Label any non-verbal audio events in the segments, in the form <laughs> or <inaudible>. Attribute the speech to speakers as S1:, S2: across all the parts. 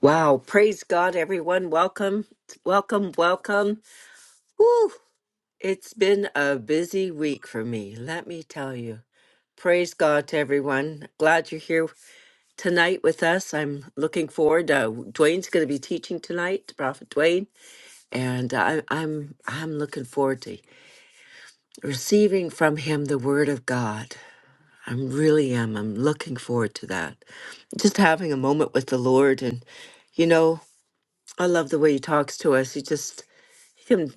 S1: Wow, praise God, everyone. Welcome, welcome, welcome. Woo! It's been a busy week for me, let me tell you. Praise God to everyone. Glad you're here tonight with us. I'm looking forward. Uh, Dwayne's going to be teaching tonight, Prophet Dwayne, and I, I'm I'm looking forward to receiving from him the Word of God. I really am. I'm looking forward to that. Just having a moment with the Lord, and you know. I love the way he talks to us. He just he can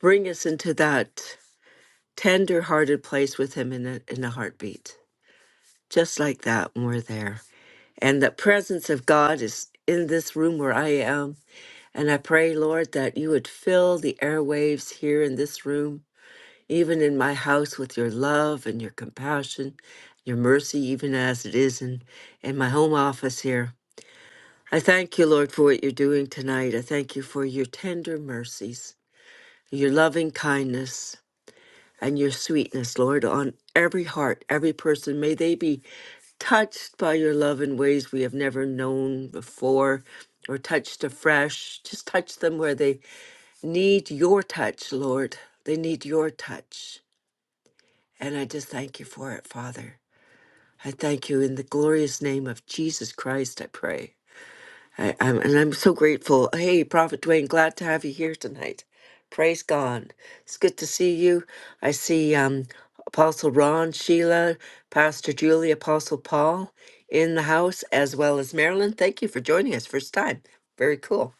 S1: bring us into that tender-hearted place with him in a in a heartbeat, just like that when we're there. And the presence of God is in this room where I am. And I pray, Lord, that you would fill the airwaves here in this room, even in my house, with your love and your compassion, your mercy, even as it is in in my home office here. I thank you, Lord, for what you're doing tonight. I thank you for your tender mercies. your loving kindness and your sweetness, Lord, on every heart, every person. May they be touched by your love in ways we have never known before or touched afresh. Just touch them where they need your touch, Lord. They need your touch. And I just thank you for it, Father. I thank you in the glorious name of Jesus Christ, I pray. I, I'm, and I'm so grateful. Hey, Prophet Dwayne, glad to have you here tonight. Praise God. It's good to see you. I see um, Apostle Ron, Sheila, Pastor Julie, Apostle Paul in the house, as well as Marilyn. Thank you for joining us first time. Very cool.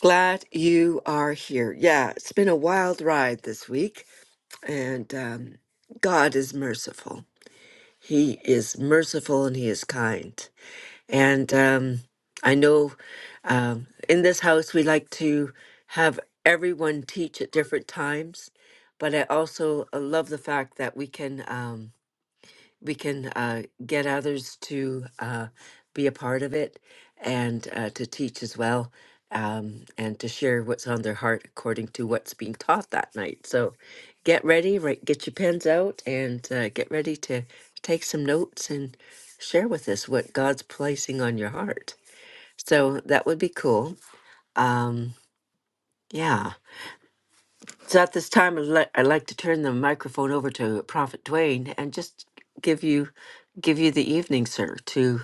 S1: Glad you are here. Yeah, it's been a wild ride this week, and um, God is merciful. He is merciful and He is kind. And um, I know um, in this house we like to have everyone teach at different times, but I also uh, love the fact that we can. Um, we can uh, get others to uh, be a part of it and uh, to teach as well um, and to share what's on their heart according to what's being taught that night. So get ready, right, get your pens out and uh, get ready to take some notes and share with us what God's placing on your heart. So that would be cool. Um, yeah. So at this time, I'd, li- I'd like to turn the microphone over to Prophet Dwayne and just give you give you the evening, sir, to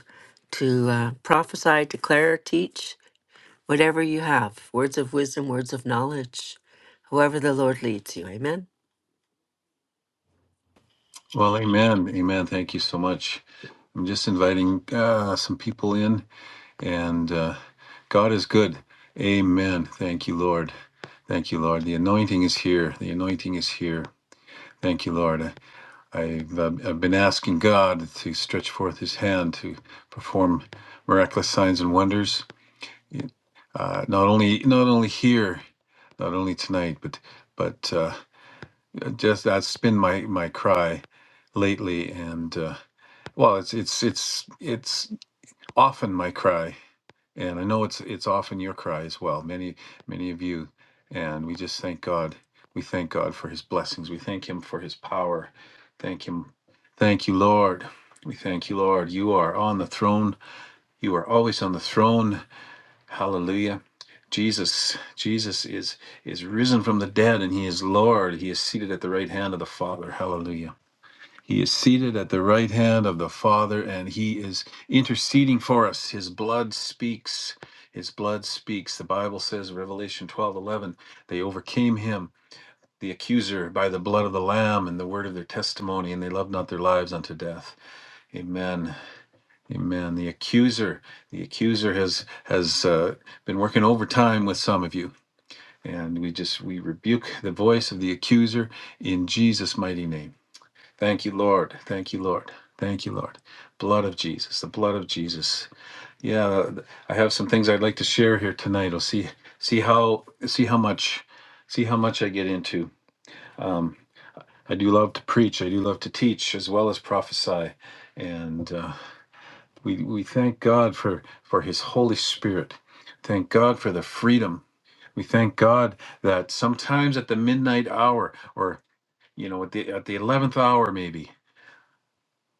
S1: to uh, prophesy, declare, teach whatever you have, words of wisdom, words of knowledge, however the Lord leads you. Amen.
S2: Well, amen. Amen. Thank you so much. I'm just inviting uh, some people in, and uh, God is good. Amen. Thank you, Lord. Thank you, Lord. The anointing is here. The anointing is here. Thank you, Lord. I- I've, uh, I've been asking God to stretch forth His hand to perform miraculous signs and wonders, uh, not only not only here, not only tonight, but but uh, just that's been my my cry lately, and. Uh, Well, it's it's it's it's often my cry, and I know it's it's often your cry as well. Many many of you, and we just thank God. We thank God for His blessings. We thank Him for His power. Thank Him, thank you, Lord. We thank you, Lord. You are on the throne. You are always on the throne. Hallelujah. Jesus, Jesus is is risen from the dead, and He is Lord. He is seated at the right hand of the Father. Hallelujah. He is seated at the right hand of the Father, and he is interceding for us. His blood speaks. His blood speaks. The Bible says, Revelation 12 11. they overcame him, the accuser, by the blood of the Lamb and the word of their testimony, and they loved not their lives unto death. Amen. Amen. The accuser, the accuser has has uh, been working overtime with some of you, and we just we rebuke the voice of the accuser in Jesus' mighty name. Thank you, Lord. Thank you, Lord. Thank you, Lord. Blood of Jesus, the blood of Jesus. Yeah, I have some things I'd like to share here tonight. I'll see see how see how much see how much I get into. I do love to preach. I do love to teach as well as prophesy, and uh, we we thank God for for His Holy Spirit. Thank God for the freedom. We thank God that sometimes at the midnight hour, or you know, at the at the eleventh hour, maybe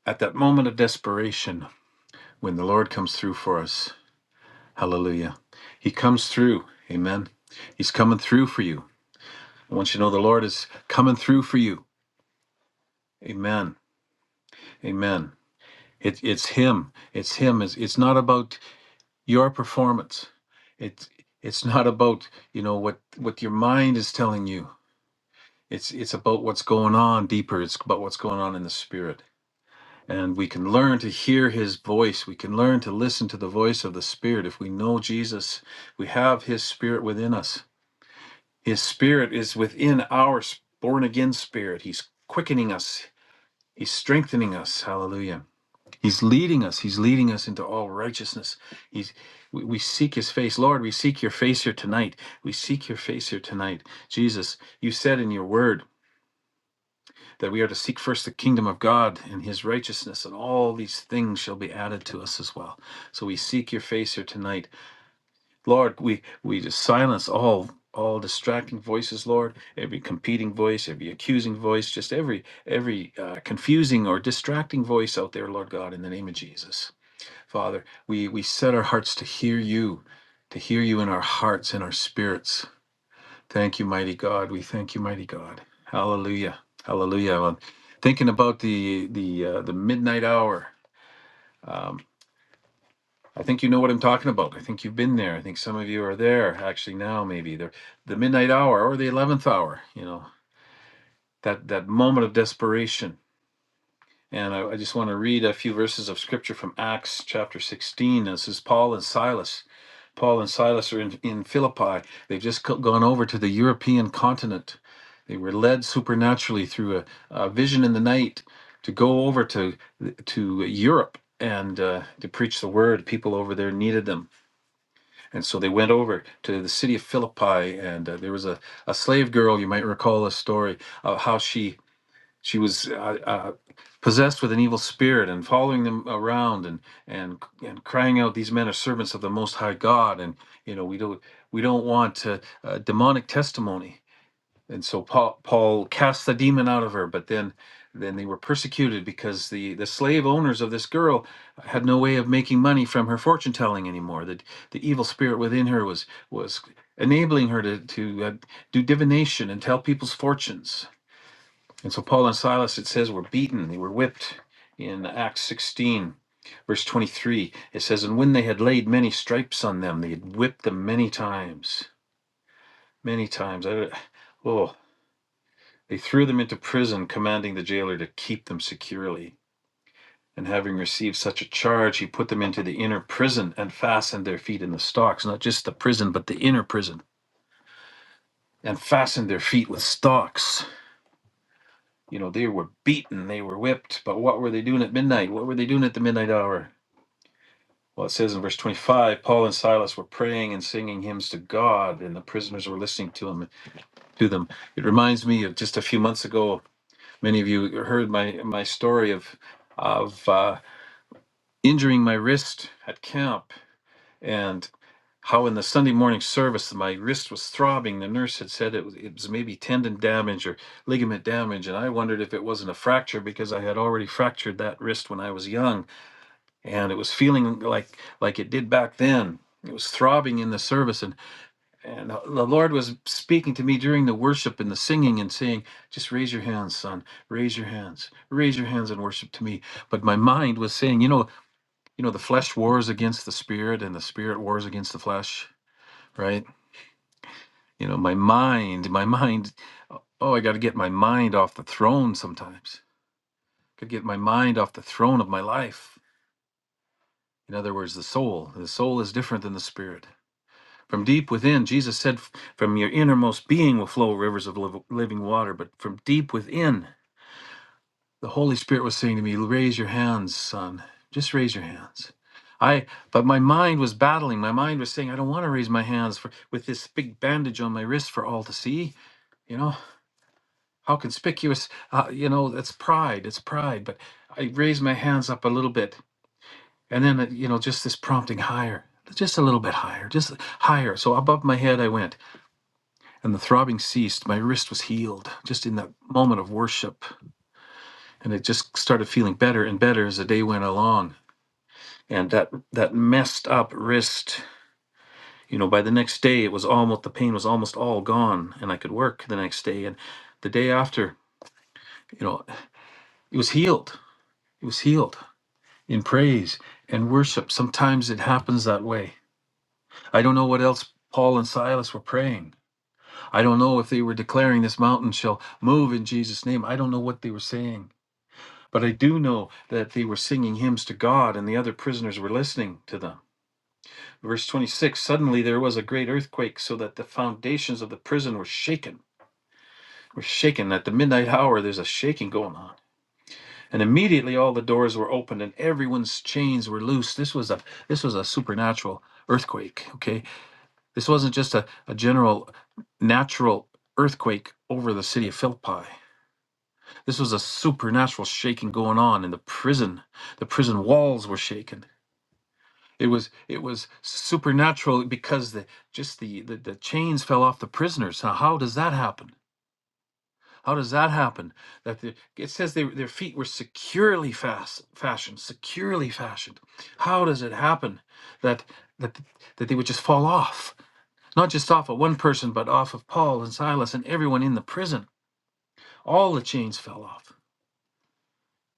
S2: at that moment of desperation when the Lord comes through for us. Hallelujah. He comes through. Amen. He's coming through for you. I want you to know the Lord is coming through for you. Amen. Amen. It, it's Him. It's Him. It's, it's not about your performance. It's it's not about you know what what your mind is telling you. It's it's about what's going on deeper. It's about what's going on in the spirit. And we can learn to hear his voice. We can learn to listen to the voice of the Spirit. If we know Jesus, we have his Spirit within us. His Spirit is within our born again spirit. He's quickening us, he's strengthening us. Hallelujah. He's leading us. He's leading us into all righteousness. He's, we, we seek his face. Lord, we seek your face here tonight. We seek your face here tonight. Jesus, you said in your word, that we are to seek first the kingdom of God and his righteousness, and all these things shall be added to us as well. So we seek your face here tonight. Lord, we, we just silence all all distracting voices lord every competing voice every accusing voice just every every uh, confusing or distracting voice out there lord god in the name of jesus father we we set our hearts to hear you to hear you in our hearts and our spirits Thank you, mighty God. We thank you, mighty God. Hallelujah. Hallelujah. Well, thinking about the the uh, the midnight hour. Um, I think you know what I'm talking about. I think you've been there. I think some of you are there actually now. Maybe the the midnight hour or the eleventh hour. You know that that moment of desperation. And I, I just want to read a few verses of scripture from Acts chapter 16. This is Paul and Silas. Paul and Silas are in, in Philippi. They've just gone over to the European continent. They were led supernaturally through a, a vision in the night to go over to to Europe and uh, to preach the word. People over there needed them, and so they went over to the city of Philippi. And uh, there was a, a slave girl. You might recall a story of how she she was uh, uh, possessed with an evil spirit and following them around and and and crying out, "These men are servants of the Most High God." And you know, we don't we don't want uh, uh, demonic testimony. And so Paul, Paul cast the demon out of her, but then then they were persecuted because the the slave owners of this girl had no way of making money from her fortune telling anymore. That the evil spirit within her was was enabling her to to uh, do divination and tell people's fortunes and so Paul and Silas, it says, were beaten, they were whipped in Acts 16. Verse 23, it says, And when they had laid many stripes on them, they had whipped them many times, many times. I, oh, they threw them into prison, commanding the jailer to keep them securely. And having received such a charge, he put them into the inner prison and fastened their feet in the stocks, not just the prison, but the inner prison, and fastened their feet with stocks. You know, they were beaten, they were whipped, but what were they doing at midnight? What were they doing at the midnight hour? Well, it says in verse 25, Paul and Silas were praying and singing hymns to God, and the prisoners were listening to him to them. It reminds me of just a few months ago, many of you heard my my story of of uh, injuring my wrist at camp, and. How in the Sunday morning service my wrist was throbbing. The nurse had said it was, it was maybe tendon damage or ligament damage, and I wondered if it wasn't a fracture because I had already fractured that wrist when I was young, and it was feeling like like it did back then. It was throbbing in the service, and and the Lord was speaking to me during the worship and the singing and saying, "Just raise your hands, son. Raise your hands. Raise your hands and worship to me." But my mind was saying, you know, you know, the flesh wars against the spirit, and the spirit wars against the flesh right? You know, my mind, my mind. Oh, I got to get my mind off the throne sometimes. Got to get my mind off the throne of my life. In other words, the soul. The soul is different than the spirit. From deep within, Jesus said, "F- from your innermost being will flow rivers of liv- living water. But from deep within, the Holy Spirit was saying to me, raise your hands, son. Just raise your hands. I, but my mind was battling. My mind was saying, I don't want to raise my hands for, with this big bandage on my wrist for all to see. You know, how conspicuous uh, you know it's pride it's pride but i raise my hands up a little bit and then uh, you know just this prompting higher just a little bit higher just higher so above my head i went and the throbbing ceased my wrist was healed just in that moment of worship and it just started feeling better and better as the day went along and that that messed up wrist you know by the next day it was almost the pain was almost all gone and i could work the next day and the day after you know it was healed it was healed in praise and worship. Sometimes it happens that way. I don't know what else Paul and Silas were praying. I don't know if they were declaring this mountain shall move in Jesus' name. I don't know what they were saying. But I do know that they were singing hymns to God and the other prisoners were listening to them. Verse 26 Suddenly there was a great earthquake so that the foundations of the prison were shaken. Were shaken. At the midnight hour, there's a shaking going on. And immediately all the doors were opened and everyone's chains were loose. This was a this was a supernatural earthquake. Okay. This wasn't just a, a general natural earthquake over the city of Philippi. This was a supernatural shaking going on in the prison. The prison walls were shaken. It was it was supernatural because the just the, the, the chains fell off the prisoners. Now, how does that happen? How does that happen? That the, it says they, their feet were securely fast, fashioned, securely fashioned. How does it happen that that that they would just fall off? Not just off of one person, but off of Paul and Silas and everyone in the prison. All the chains fell off.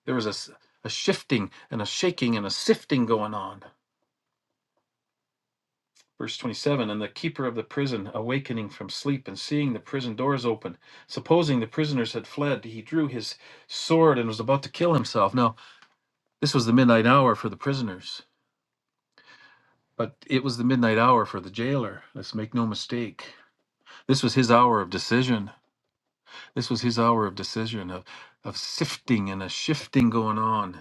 S2: There was a, s- a shifting and a shaking and a sifting going on. Verse 27 And the keeper of the prison, awakening from sleep and seeing the prison doors open, supposing the prisoners had fled, he drew his sword and was about to kill himself. Now, This was the midnight hour for the prisoners, but it was the midnight hour for the jailer. Let's make no mistake. This was his hour of decision. This was his hour of decision, of, of sifting and a shifting going on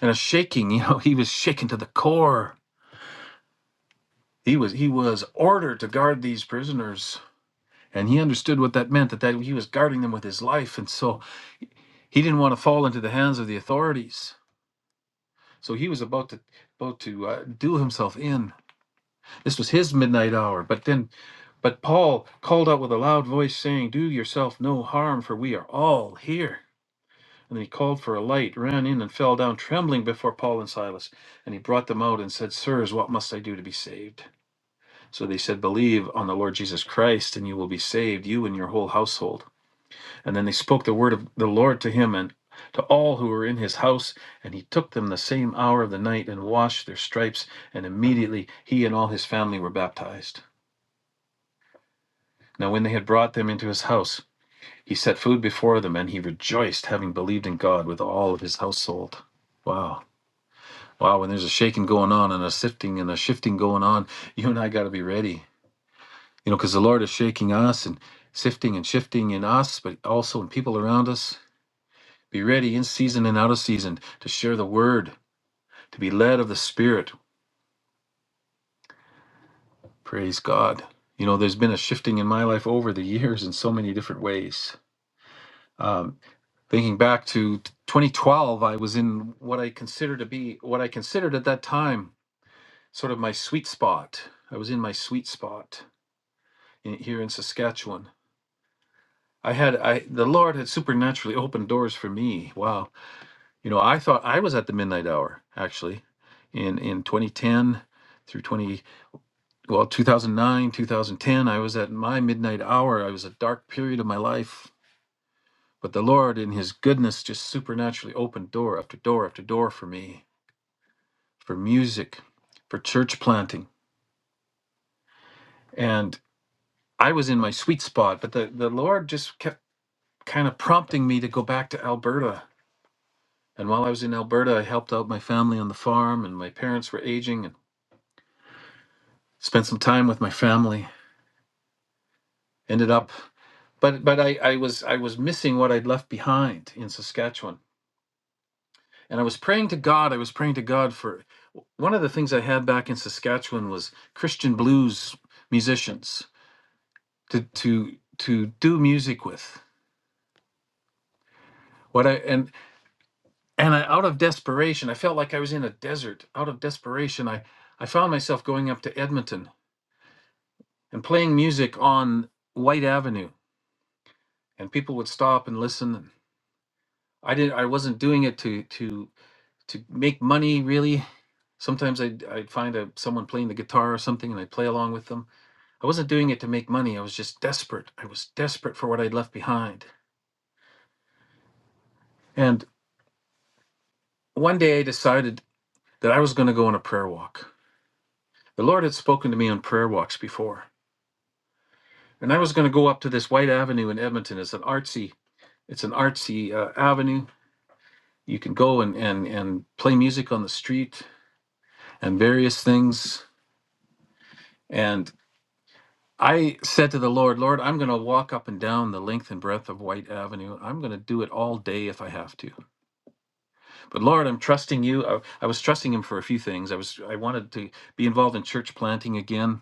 S2: and a shaking. <laughs> You know, he was shaken to the core. He was he was ordered to guard these prisoners. And he understood what that meant, that, that he was guarding them with his life. And so he didn't want to fall into the hands of the authorities. So he was about to about to uh, do himself in. This was his midnight hour. But then, but Paul called out with a loud voice, saying, Do yourself no harm, for we are all here. And he called for a light, ran in, and fell down trembling before Paul and Silas. And he brought them out and said, Sirs, what must I do to be saved? So they said, Believe on the Lord Jesus Christ, and you will be saved, you and your whole household. And then they spoke the word of the Lord to him and to all who were in his house. And he took them the same hour of the night and washed their stripes. And immediately he and all his family were baptized. Now, when they had brought them into his house, he set food before them, and he rejoiced, having believed in God with all of his household. Wow. Wow, when there's a shaking going on and a sifting and a shifting going on, <laughs> you and I got to be ready. You know, because the Lord is shaking us and sifting and shifting in us, but also in people around us. Be ready in season and out of season to share the word, to be led of the Spirit. Praise God. You know, there's been a shifting in my life over the <laughs> years in so many different ways Um, Thinking back to 2012, I was in what I consider to be what I considered at that time sort of my sweet spot. I was in my sweet spot in, here in Saskatchewan. I had I the Lord had supernaturally opened doors for me. Wow. You know, I thought I was at the midnight hour actually in in 2010 through 20 well 2009 2010 i was at my midnight hour i was a dark period of my life but the lord in his goodness just supernaturally opened door after door after door for me for music, for church planting. And I was in my sweet spot, but the, the Lord just kept kind of prompting me to go back to Alberta. And while I was in Alberta, I helped out my family on the farm, and my parents were aging, and spent some time with my family. Ended up, but but I, I was I was missing what I'd left behind in Saskatchewan, and I was praying to God. I was praying to God for one of the things I had back in Saskatchewan was Christian blues musicians to to to do music with What I and and I, out of desperation, I felt like I was in a desert. Out of desperation, I I found myself going up to Edmonton and playing music on White Avenue, and people would stop and listen. And I didn't. I wasn't doing it to to to make money really. Sometimes I'd, I'd find a, someone playing the guitar or something and I'd play along with them. I wasn't doing it to make money. I was just desperate. I was desperate for what I'd left behind. And one day I decided that I was going to go on a prayer walk. The Lord had spoken to me on prayer walks before And I was going to go up to this White Avenue in Edmonton. It's an artsy, it's an artsy uh, avenue. You can go and, and and play music on the street and various things. And I said to the Lord, Lord, I'm going to walk up and down the length and breadth of White Avenue. I'm going to do it all day if I have to. But Lord, I'm trusting you. I, I was trusting Him for a few things. I was I wanted to be involved in church planting again,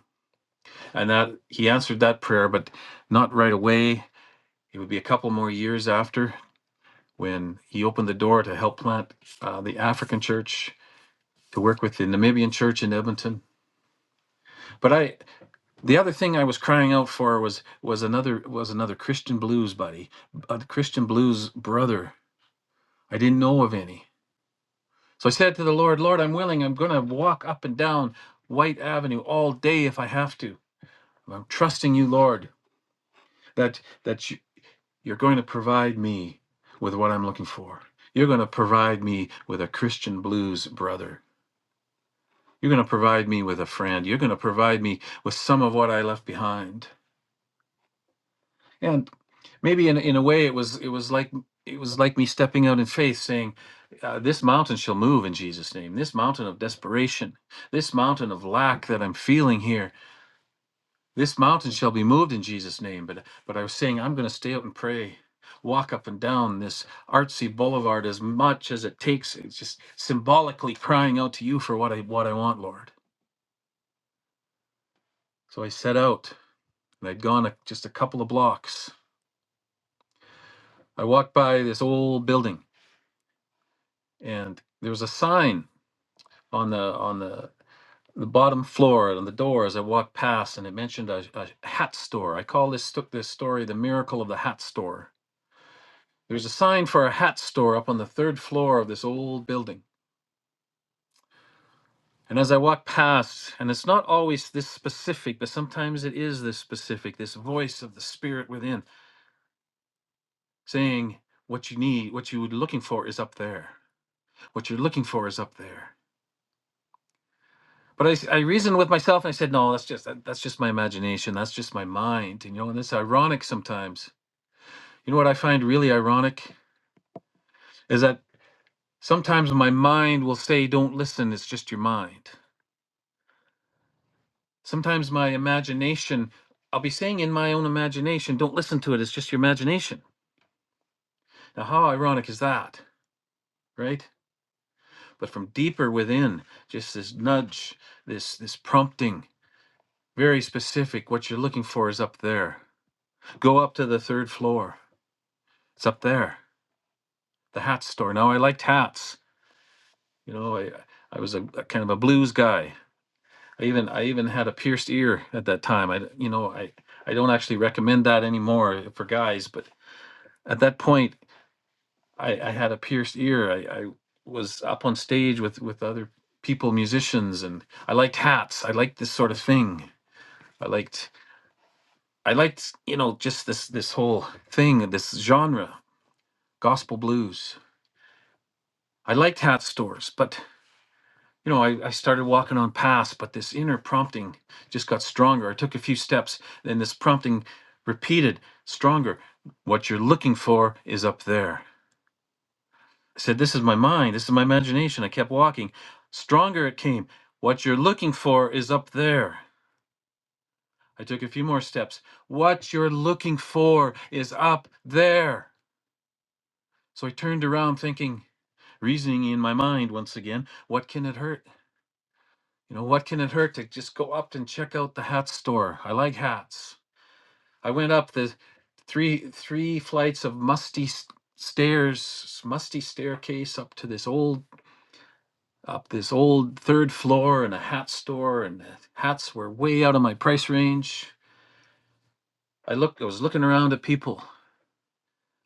S2: and that He answered that prayer, but not right away. It would be a couple more years after when he opened the door to help plant uh, the African church to work with the Namibian church in Edmonton. But I, the other thing I was crying out for was was another was another Christian blues buddy, a Christian blues brother. I didn't know of any, so I said to the Lord, Lord, I'm willing. I'm going to walk up and down White Avenue all day if I have to. I'm trusting you, Lord, that that you, you're going to provide me with what I'm looking for. You're going to provide me with a Christian blues brother You're going to provide me with a friend. You're going to provide me with some of what I left behind. And maybe in, in a way, it was it was like it was like me stepping out in faith, saying, uh, "This mountain shall move in Jesus' name. This mountain of desperation, this mountain of lack that I'm feeling here, this mountain shall be moved in Jesus' name." But but I was saying, I'm going to stay out and pray. Walk up and down this artsy boulevard as much as it takes. It's just symbolically crying out to you for what I what I want, Lord. So I set out and I'd gone a, just a couple of blocks. I walked by this old building, and there was a sign on the on the the bottom floor and on the door as I walked past, and it mentioned a, a hat store. I call this sto- this story the miracle of the hat store. There's a sign for a hat store up on the third floor of this old building. And as I walked past, and it's not always this specific, but sometimes it is this specific, this voice of the spirit within saying, What you need, what you were looking for is up there. what you're looking for is up there. But I, I reasoned with myself and I said, no, that's just that, that's just my imagination. That's just my mind. And you know, and it's ironic sometimes. You know what I find really ironic is that sometimes my mind will say, "Don't listen. It's just your mind." Sometimes my imagination, I'll be saying in my own imagination, "Don't listen to it. It's just your imagination." Now, how ironic is that, right? But from deeper within, just this nudge, this this prompting, very specific. What you're looking for is up there Go up to the third floor. It's up there, the hat store. Now I liked hats. You know, I I was a, a kind of a blues guy. I even I even had a pierced ear at that time. I you know I I don't actually recommend that anymore for guys, but at that point I, I had a pierced ear. I, I was up on stage with with other people, musicians, and I liked hats. I liked this sort of thing. I liked I liked you know just this this whole thing, this genre, gospel blues. I liked hat stores, but you know, I, I started walking on past, but this inner prompting just got stronger. I took a few steps, and this prompting repeated stronger. What you're looking for is up there. I said, This is my mind, this is my imagination. I kept walking. Stronger it came. What you're looking for is up there. I took a few more steps. What you're looking for is up there. So I turned around thinking, reasoning in my mind once again, what can it hurt? You know, what can it hurt to just go up and check out the hat store? I like hats. I went up the three three flights of musty s- stairs, musty staircase up to this old up this old third floor and a hat store and the hats were way out of my price range. I looked I was looking around at people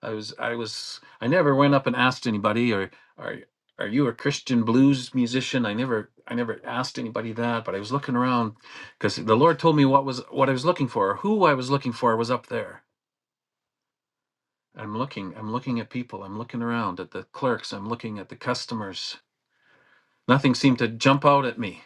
S2: I was I was I never went up and asked anybody or are are you a Christian blues musician? I never I never asked anybody that, but I was looking around because the Lord told me what was what I was looking for, who I was looking for was up there. I'm looking, I'm looking at people, I'm looking around at the clerks, I'm looking at the customers. Nothing seemed to jump out at me.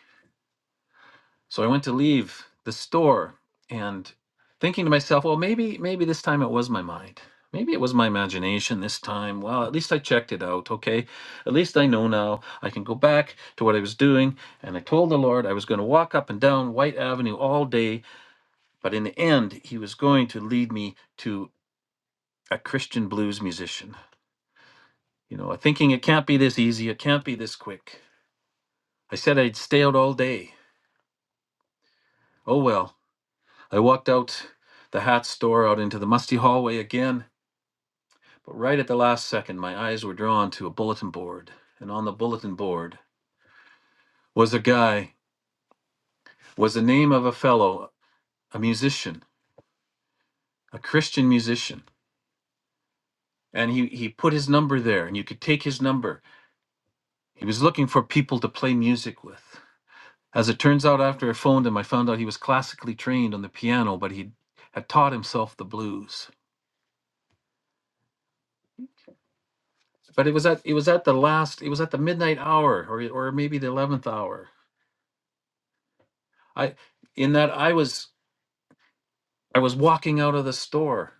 S2: So I went to leave the store and thinking to myself, well, maybe, maybe this time it was my mind. Maybe it was my imagination this time. Well, at least I checked it out. Okay. At least I know now. I can go back to what I was doing. And I told the Lord I was going to walk up and down White Avenue all day. But in the end, He was going to lead me to a Christian blues musician. You know, thinking it can't be this easy. It can't be this quick. I said I'd stay out all day. Oh, well. I walked out the hat store out into the musty hallway again, but right at the last second, my eyes were drawn to a bulletin board, and on the bulletin board was a guy, was the name of a fellow, a musician, a Christian musician, and he he put his number there, and you could take his number. He was looking for people to play music with. As it turns out, after I phoned him, I found out he was classically trained on the piano, but he had taught himself the blues. but it was at it was at the last it was at the midnight hour or or maybe the 11th hour i in that i was i was walking out of the store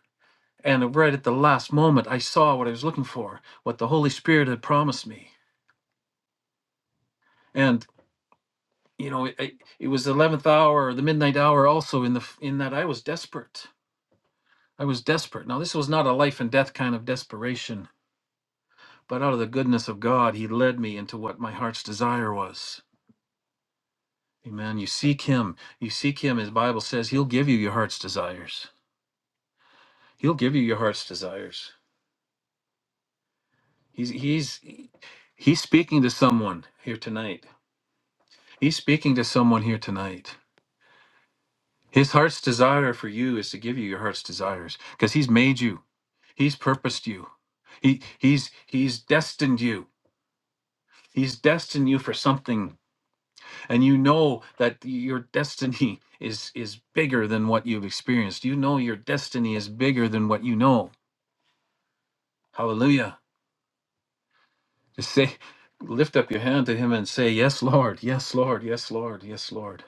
S2: and right at the last moment i saw what i was looking for what the holy spirit had promised me and you know it, it it was the 11th hour or the midnight hour also in the f- in that i was desperate i was desperate now this was not a life and death kind of desperation but out of the goodness of god he led me into what my heart's desire was Amen. You seek him. You seek him. His Bible says he'll give you your heart's desires. He'll give you your heart's desires. He's he's he's speaking to someone here tonight. He's speaking to someone here tonight. His heart's desire for you is to give you your heart's desires because he's made you. He's purposed you. He he's he's destined you. He's destined you for something and you know that your destiny is is bigger than what you've experienced. You know your destiny is bigger than what you know Hallelujah. Just say, lift up your hand to him and say, Yes, Lord. Yes, Lord. Yes, Lord. Yes, Lord.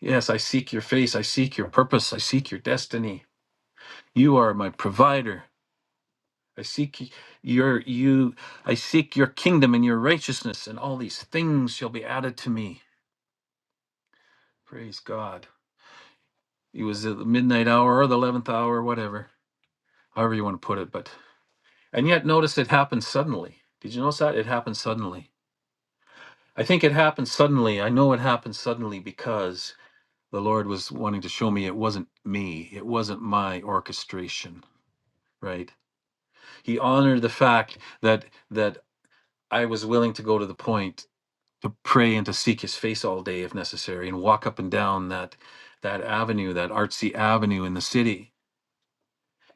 S2: Yes, I seek your face. I seek your purpose. I seek your destiny. You are my provider. I seek your you I seek your kingdom and your righteousness and all these things shall be added to me. Praise God. It was at the midnight hour or the 11th hour, whatever, however you want to put it, but and yet notice it happened suddenly. Did you notice that? It happened suddenly. I think it happened suddenly. I know it happened suddenly because the Lord was wanting to show me it wasn't me, it wasn't my orchestration, right? He honored the fact that that I was willing to go to the point to pray and to seek his face all day if necessary and walk up and down that that avenue, that artsy avenue in the city.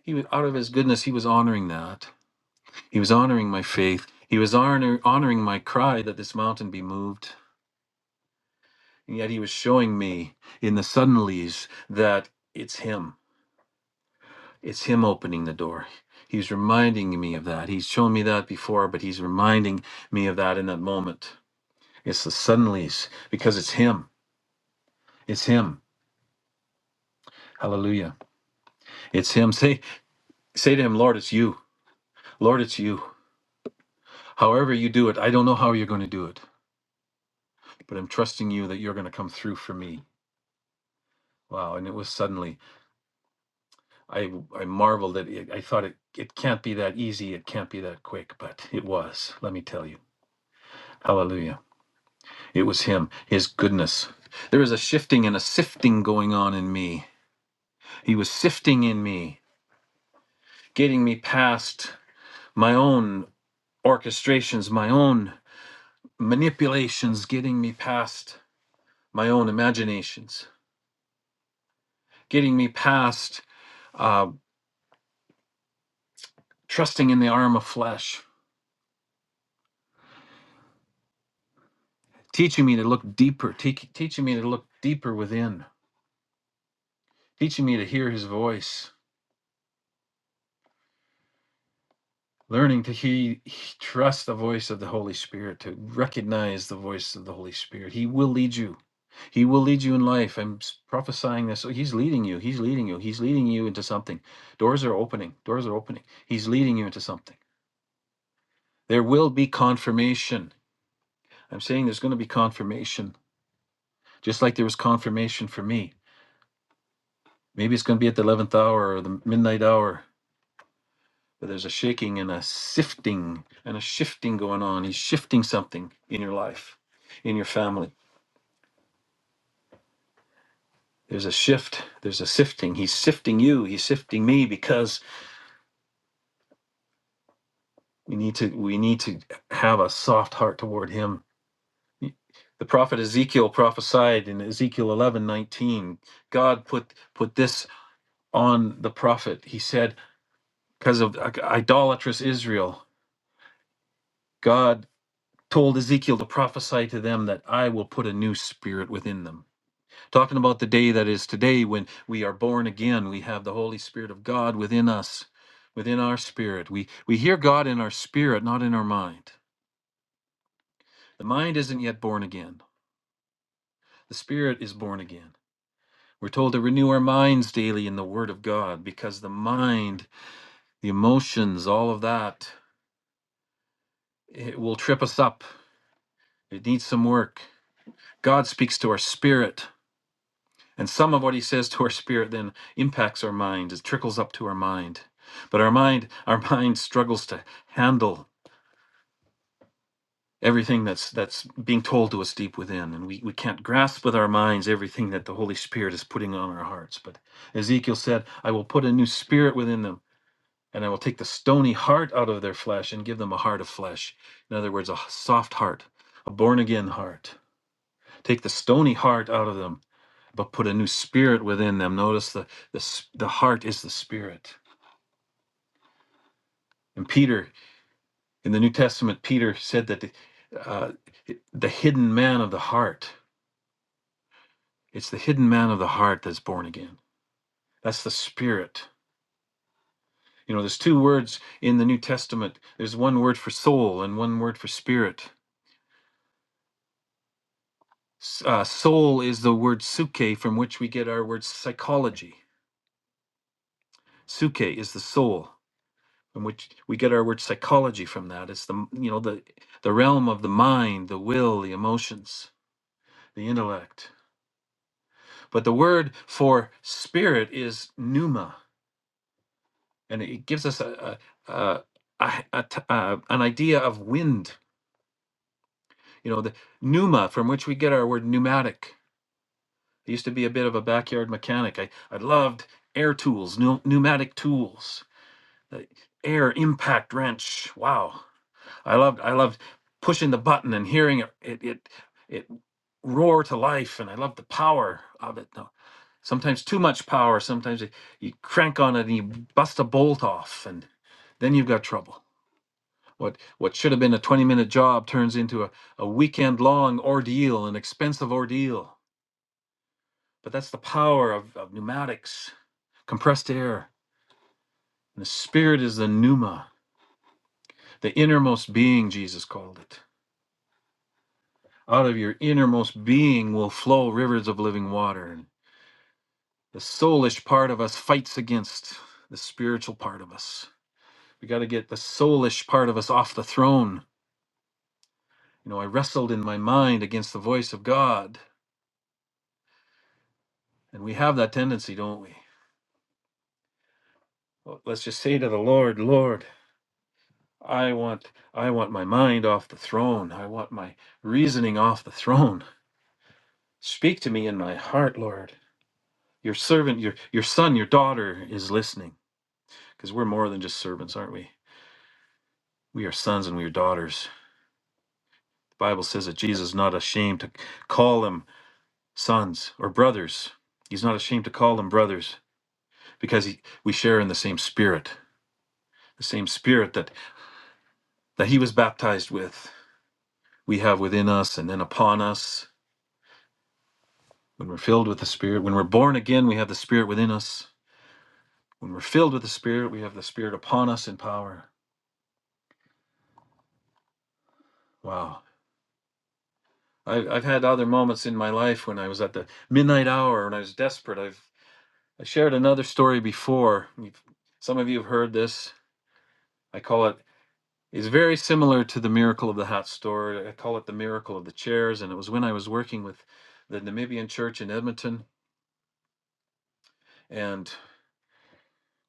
S2: He was out of his goodness, he was honoring that. He was honoring my faith. He was honor, honoring my cry that this mountain be moved. And yet he was showing me in the suddenlies that it's him It's him opening the door. He's reminding me of that. He's shown me that before, but he's reminding me of that in that moment. It's the suddenlies because it's him. It's him. Hallelujah. It's him. Say say to him, Lord, it's you. Lord, it's you. However you do it, I don't know how you're going to do it, but I'm trusting you that you're going to come through for me. Wow, and it was suddenly. I I marveled at it. I thought it it can't be that easy. It can't be that quick, but it was. Let me tell you. Hallelujah. It was him, his goodness. There was a shifting and a sifting going on in me. He was sifting in me, getting me past my own orchestrations, my own manipulations, getting me past my own imaginations, getting me past uh, trusting in the arm of flesh, teaching me to look deeper, te- teaching me to look deeper within, teaching me to hear his voice, learning to he, he- trust the voice of the holy spirit to recognize the voice of the holy spirit he will lead you he will lead you in life i'm s- prophesying this so he's leading you he's leading you he's leading you into something doors are opening doors are opening he's leading you into something there will be confirmation i'm saying there's going to be confirmation just like there was confirmation for me maybe it's going to be at the 11th hour or the midnight hour But there's a shaking and a sifting and a shifting going on. He's shifting something in your life, in your family. There's a shift. There's a sifting. He's sifting you. He's sifting me because we need to we need to have a soft heart toward him. The prophet Ezekiel prophesied in Ezekiel 11:19. God put put this on the prophet. He said, because of idolatrous Israel, God told Ezekiel to prophesy to them that I will put a new spirit within them Talking about the day that is today when we are born again, we have the Holy Spirit of God within us, within our spirit. We, we hear God in our spirit, not in our mind. The mind isn't yet born again, the spirit is born again. We're told to renew our minds daily in the Word of God because the mind, the emotions, all of that, it will trip us up. It needs some work. God speaks to our spirit. And some of what he says to our spirit then impacts our mind, it trickles up to our mind. But our mind, <laughs> our mind struggles to handle everything that's that's being told to us deep within. And we, we can't grasp with our minds everything that the Holy Spirit is putting on our hearts. But Ezekiel said, I will put a new spirit within them, and I will take the stony heart out of their flesh and give them a heart of flesh. In other words, a soft heart, a born again heart. Take the stony heart out of them but put a new spirit within them. Notice the the the heart is the spirit. And Peter in the New Testament, Peter said that uh, the hidden man of the heart. It's the hidden man of the heart that's born again. That's the spirit. You know, there's two words in the New Testament. There's one word for soul and one word for spirit. Uh, soul is the word psyche, from which we get our word psychology. Psyche is the soul. from which we get our word psychology from that it's the you know the the realm of the mind the will the emotions the intellect but the word for spirit is pneuma and it gives us a, a, a, a, a t- uh, an idea of wind you know the pneuma from which we get our word pneumatic i used to be a bit of a backyard mechanic i, I loved air tools pneu- pneumatic tools the air impact wrench wow I loved I loved pushing the button and hearing it it it, it roar to life, and I loved the power of it. No, sometimes too much power. Sometimes you, you crank on it and you bust a bolt off, and then you've got trouble. What what should have been a twenty minute job turns into a, a weekend long ordeal, an expensive ordeal. But that's the power of, of pneumatics, compressed air. And the spirit is the pneuma, the innermost being, Jesus called it. Out of your innermost being will flow rivers of living water. the soulish part of us fights against the spiritual part of us. We got to get the soulish part of us off the throne. You know, I wrestled in my mind against the voice of God. And we have that tendency, don't we? Well, Let's just say to the Lord, Lord, I want I want my mind off the throne. I want my reasoning off the throne. Speak to me in my heart, Lord. Your servant, your your son, your daughter is listening. Because we're more than just servants, aren't we? We are sons and we are daughters. The Bible says that Jesus is not ashamed to call them sons or brothers. He's not ashamed to call them brothers because he, we share in the same spirit, the same spirit that, that he was baptized with, we have within us and then upon us. When we're filled with the Spirit, when we're born again, we have the Spirit within us. When we're filled with the Spirit, we have the Spirit upon us in power. Wow. I, I've had other moments in my life when I was at the midnight hour and I was desperate. I've I shared another story before. You've, some of you have heard this. I call it, it's very similar to the miracle of the hot store. I call it the miracle of the chairs. And it was when I was working with the Namibian church in Edmonton. And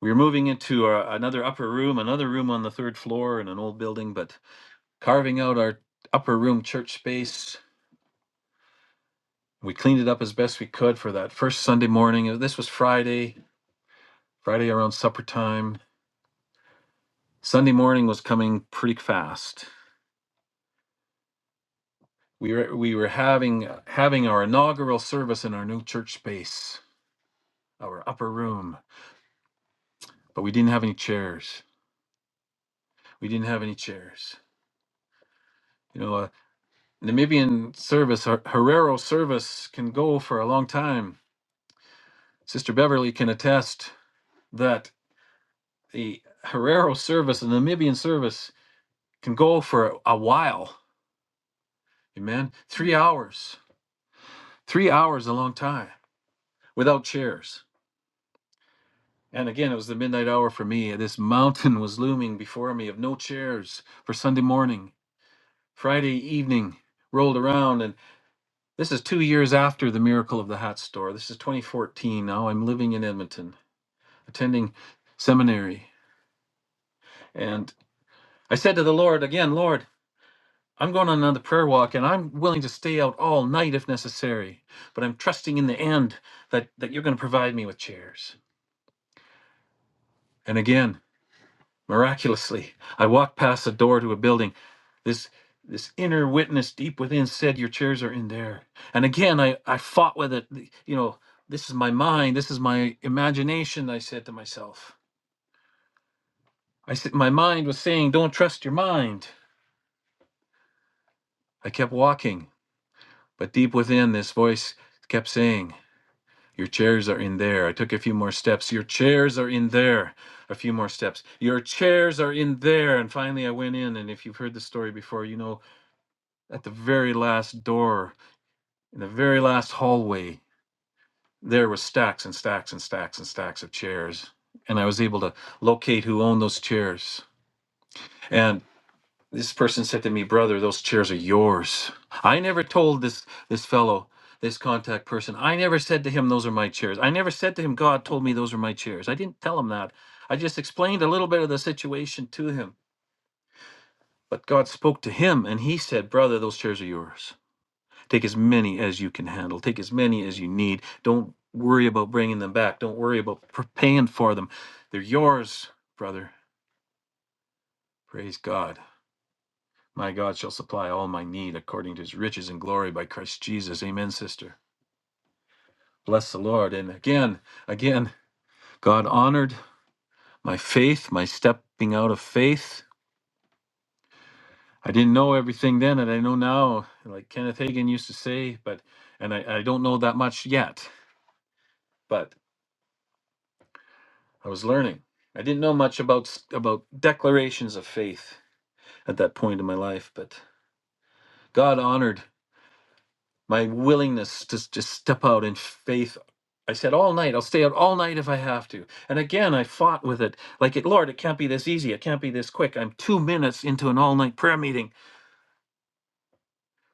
S2: we were moving into a, another upper room, another room on the third floor in an old building, but carving out our upper room church space. We cleaned it up as best we could for that first Sunday morning. This was Friday, Friday around supper time. Sunday morning was coming pretty fast we were we were having having our inaugural service in our new church space, our upper room, but we didn't have any chairs. We didn't have any chairs. You know, uh, Namibian service, Her- Herero service can go for a long time. Sister Beverly can attest that the Herero service, the Namibian service, can go for a while. Amen. Three hours, three hours, a long time without chairs And again, it was the midnight hour for me. This mountain was looming before me of no chairs for Sunday morning. Friday evening rolled around, and this is two years after the miracle of the hat store. This is 2014 now. I'm living in Edmonton, attending seminary. And I said to the Lord again, Lord, I'm going on another prayer walk, and I'm willing to stay out all night if necessary, but I'm trusting in the end that, that you're going to provide me with chairs. And again, Miraculously, I walked past the door to a building. This this inner witness deep within said, "Your chairs are in there." And again, I I fought with it. The- You know, this is my mind. This is my imagination. I said to myself. I said, my mind was saying, "Don't trust your mind." I kept walking, but deep within, this voice kept saying, "Your chairs are in there." I took a few more steps. Your chairs are in there. A few more steps. Your chairs are in there. And finally, I went in. And if you've heard the story before, you know at the very last door in the very last hallway there was stacks and stacks and stacks and stacks of chairs and i was able to locate who owned those chairs and this person said to me brother those chairs are yours i never told this this fellow this contact person i never said to him those are my chairs i never said to him god told me those are my chairs i didn't tell him that i just explained a little bit of the situation to him but god spoke to him and he said brother those chairs are yours Take as many as you can handle. Take as many as you need. Don't worry about bringing them back. Don't worry about pr- paying for them. They're yours, brother. Praise God. My God shall supply all my need according to his riches and glory by Christ Jesus. Amen, sister. Bless the Lord. And again, again, God honored my faith, my stepping out of faith. I didn't know everything then, and I know now, like Kenneth Hagin used to say, but, and I, I don't know that much yet, but I was learning. I didn't know much about about declarations of faith at that point in my life, but God honored my willingness to just step out in faith. I said all night, I'll stay out all night if I have to. And again, I fought with it. Like, it, Lord, it can't be this easy. It can't be this quick. I'm two minutes into an all night prayer meeting.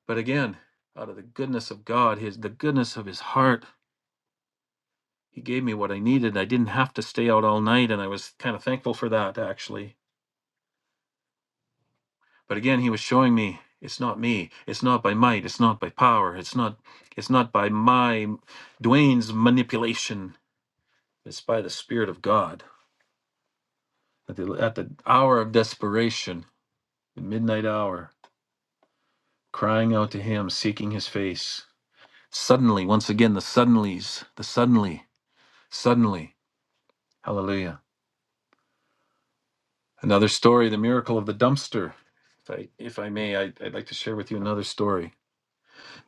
S2: But again, out of the goodness of God, his the goodness of his heart, he gave me what I needed. I didn't have to stay out all night. And I was kind of thankful for that, actually But again, he was showing me it's not me. It's not by might. It's not by power. It's not. It's not by my Dwayne's manipulation. It's by the Spirit of God. At the, at the hour of desperation, the midnight hour, crying out to Him, seeking His face. Suddenly, once again, the suddenlies, the suddenly, suddenly, Hallelujah! Another story, the miracle of the dumpster. If I, if I may, I, I'd like to share with you another story.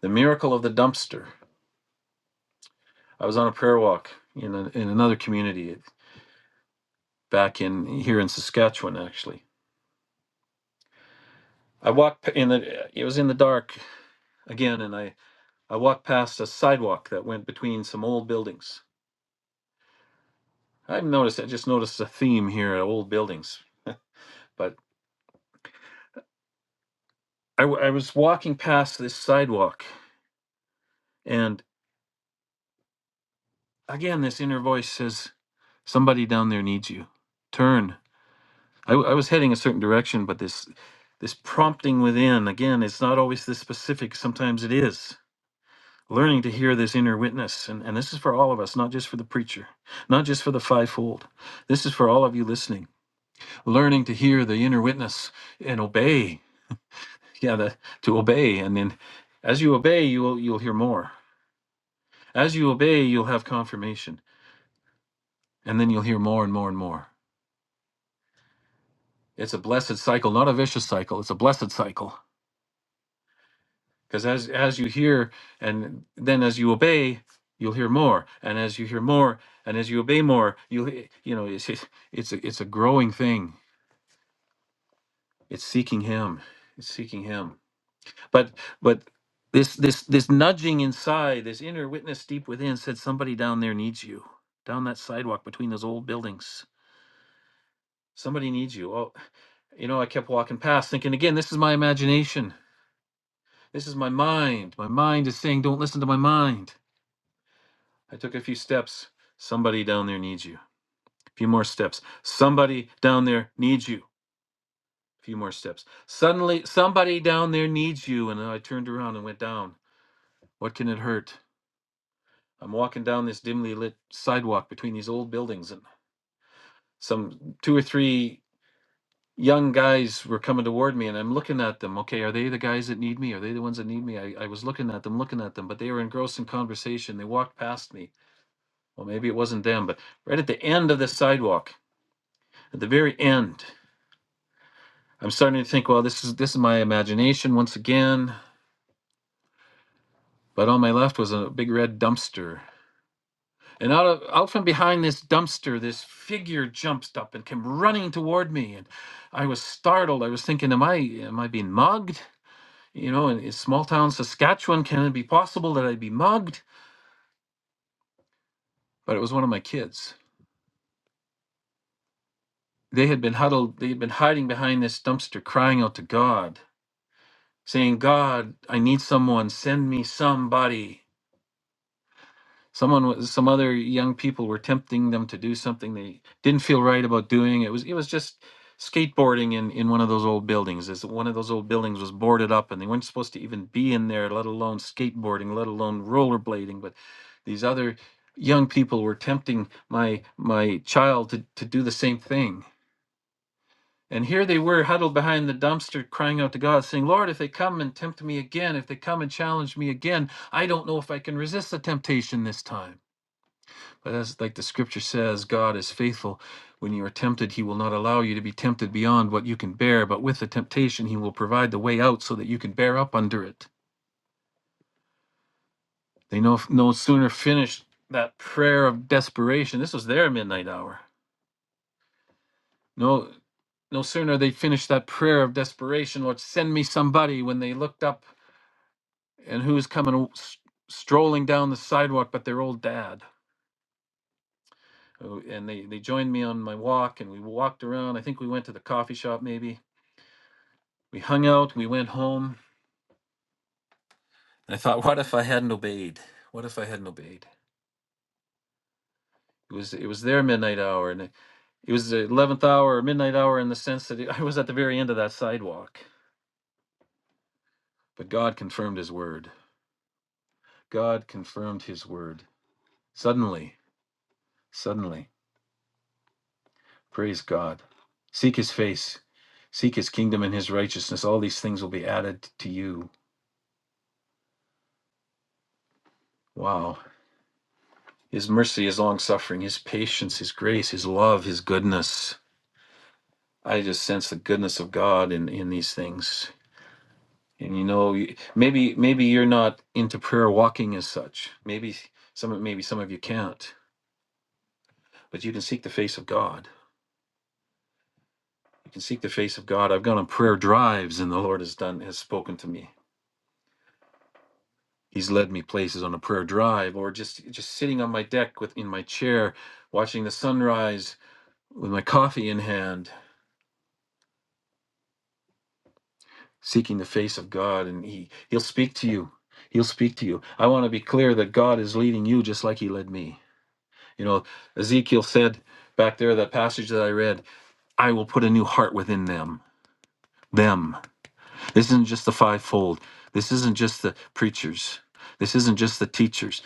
S2: The miracle of the dumpster. I was on a prayer walk in a, in another community back in here in Saskatchewan. Actually, I walked p- in the it was in the dark again, and I I walked past a sidewalk that went between some old buildings. I noticed I just noticed a theme here: uh, old buildings. But I, w- I was walking past this sidewalk, and again this inner voice says, "Somebody down there needs you. Turn." I, w- I was heading a certain direction, but this this prompting within again it's not always this specific sometimes it is learning to hear this inner witness. And, and this is for all of us, not just for the preacher, not just for the fivefold. This is for all of you listening, learning to hear the inner witness and obey. Yeah, the, to obey. And then as you obey, you'll, you'll hear more. As you obey, you'll have confirmation. And then you'll hear more and more and more. It's a blessed cycle, not a vicious cycle. It's a blessed cycle because as as you hear and then as you obey you'll hear more and as you hear more and as you obey more you'll he- you know it's it's it's a, it's a growing thing it's seeking him it's seeking him but but this this this nudging inside this inner witness deep within said somebody down there needs you down that sidewalk between those old buildings somebody needs you oh you know i kept walking past thinking again this is my imagination this is my mind my mind is saying don't listen to my mind I took a few steps. Somebody down there needs you. A few more steps. Somebody down there needs you. A few more steps. Suddenly, somebody down there needs you. And I turned around and went down. What can it hurt? I'm walking down this dimly lit sidewalk between these old buildings, and some two or three young guys were coming toward me. And I'm looking at them. Okay, are they the guys that need me? Are they the ones that need me? I, I was looking at them, looking at them, but they were engrossed in conversation. They walked past me. Well, maybe it wasn't them, but right at the end of the sidewalk, At the very end, I'm starting to think, well, this is this is my imagination once again. But on my left was a big red dumpster. And out, of, out from behind this dumpster, this figure jumped up and came running toward me. And I was startled. I was thinking, am I am I being mugged? You know, in, in small town Saskatchewan, can it be possible that I'd be mugged? But it was one of my kids. They had been huddled, they had been hiding behind this dumpster, crying out to God, saying, God, I need someone, send me somebody. Someone was some other young people were tempting them to do something they didn't feel right about doing. It was it was just skateboarding in in one of those old buildings. Is one of those old buildings was boarded up and they weren't supposed to even be in there, let alone skateboarding, let alone rollerblading. But these other young people were tempting my my child to, to do the same thing. And here they were huddled behind the dumpster crying out to God, saying, Lord, if they come and tempt me again, if they come and challenge me again, I don't know if I can resist the temptation this time. But as like the scripture says, God is faithful. When you are tempted, he will not allow you to be tempted beyond what you can bear, but with the temptation he will provide the way out so that you can bear up under it. They no no sooner finished that prayer of desperation. This was their midnight hour. No no sooner they finished that prayer of desperation, Lord, send me somebody when they looked up and who's coming s- strolling down the sidewalk but their old dad. Oh, And they, they joined me on my walk and we walked around. I think we went to the coffee shop maybe We hung out, we went home. And I thought, what if I hadn't obeyed? What if I hadn't obeyed? It was it was their midnight hour, and it, it was the eleventh hour, midnight hour, in the sense that it, I was at the very end of that sidewalk. But God confirmed His word. God confirmed His word. Suddenly, suddenly, praise God. Seek His face, seek His kingdom and His righteousness. All these things will be added to you. Wow. His mercy, His long suffering, His patience, His grace, His love, His goodness. I just sense the goodness of God in in these things. And you know, you- maybe maybe you're not into prayer walking as such. Maybe some maybe some of you can't, but you can seek the face of God. You can seek the face of God. I've gone on prayer drives, and the Lord has done has spoken to me. He's led me places on a prayer drive, or just just sitting on my deck with in my chair, watching the sunrise with my coffee in hand seeking the face of God and he he'll speak to you. He'll speak to you. I want to be clear that God is leading you just like he led me. You know, Ezekiel said back there that passage that I read, I will put a new heart within them. Them. This isn't just the fivefold. This isn't just the preachers. This isn't just the teachers.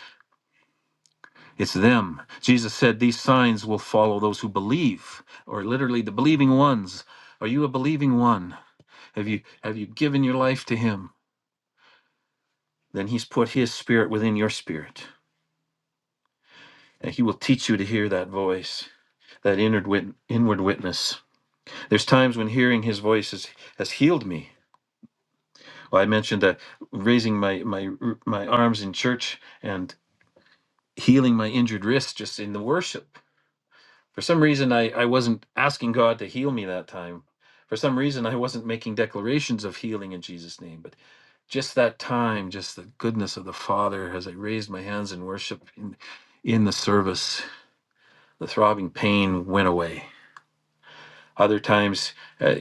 S2: It's them. Jesus said these signs will follow those who believe or literally the believing ones. Are you a believing one? Have you have you given your life to him? then he's put his spirit within your spirit and he will teach you to hear that voice that inward, wit- inward witness there's times when hearing his voice has, has healed me well, i mentioned that raising my, my my arms in church and healing my injured wrist just in the worship for some reason i, I wasn't asking god to heal me that time for some reason i wasn't making declarations of healing in jesus name but just that time just the goodness of the father as i raised my hands in worship in, in the service the throbbing pain went away. Other times, uh,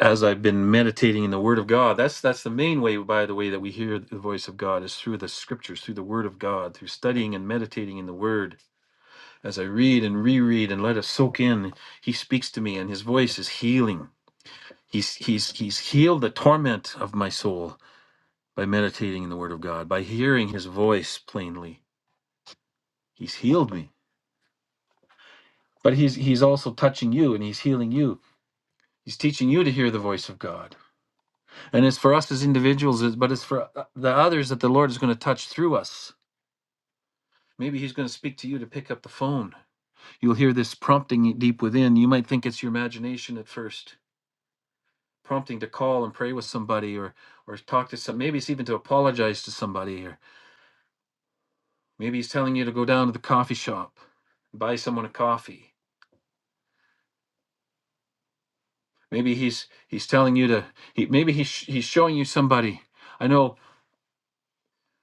S2: as I've been meditating in the Word of God, that's that's the main way, by the way, that we hear the voice of God is through the Scriptures, through the Word of God, through studying and meditating in the Word. As I read and reread and let it soak in, He speaks to me, and His voice is healing. He's he's he's healed the torment of my soul by meditating in the Word of God, by hearing His voice plainly. He's healed me, but He's He's also touching you, and He's healing you. He's teaching you to hear the voice of God. And it's for us as individuals, it's- but it's for uh, the others that the Lord is going to touch through us. Maybe He's going to speak to you to pick up the phone. You'll hear this prompting deep within. You might think it's your imagination at first, prompting to call and pray with somebody or or talk to some. Maybe it's even to apologize to somebody, or maybe He's telling you to go down to the coffee shop, buy someone a coffee. Maybe He's He's telling you to. He, maybe He's He's showing you somebody. I know.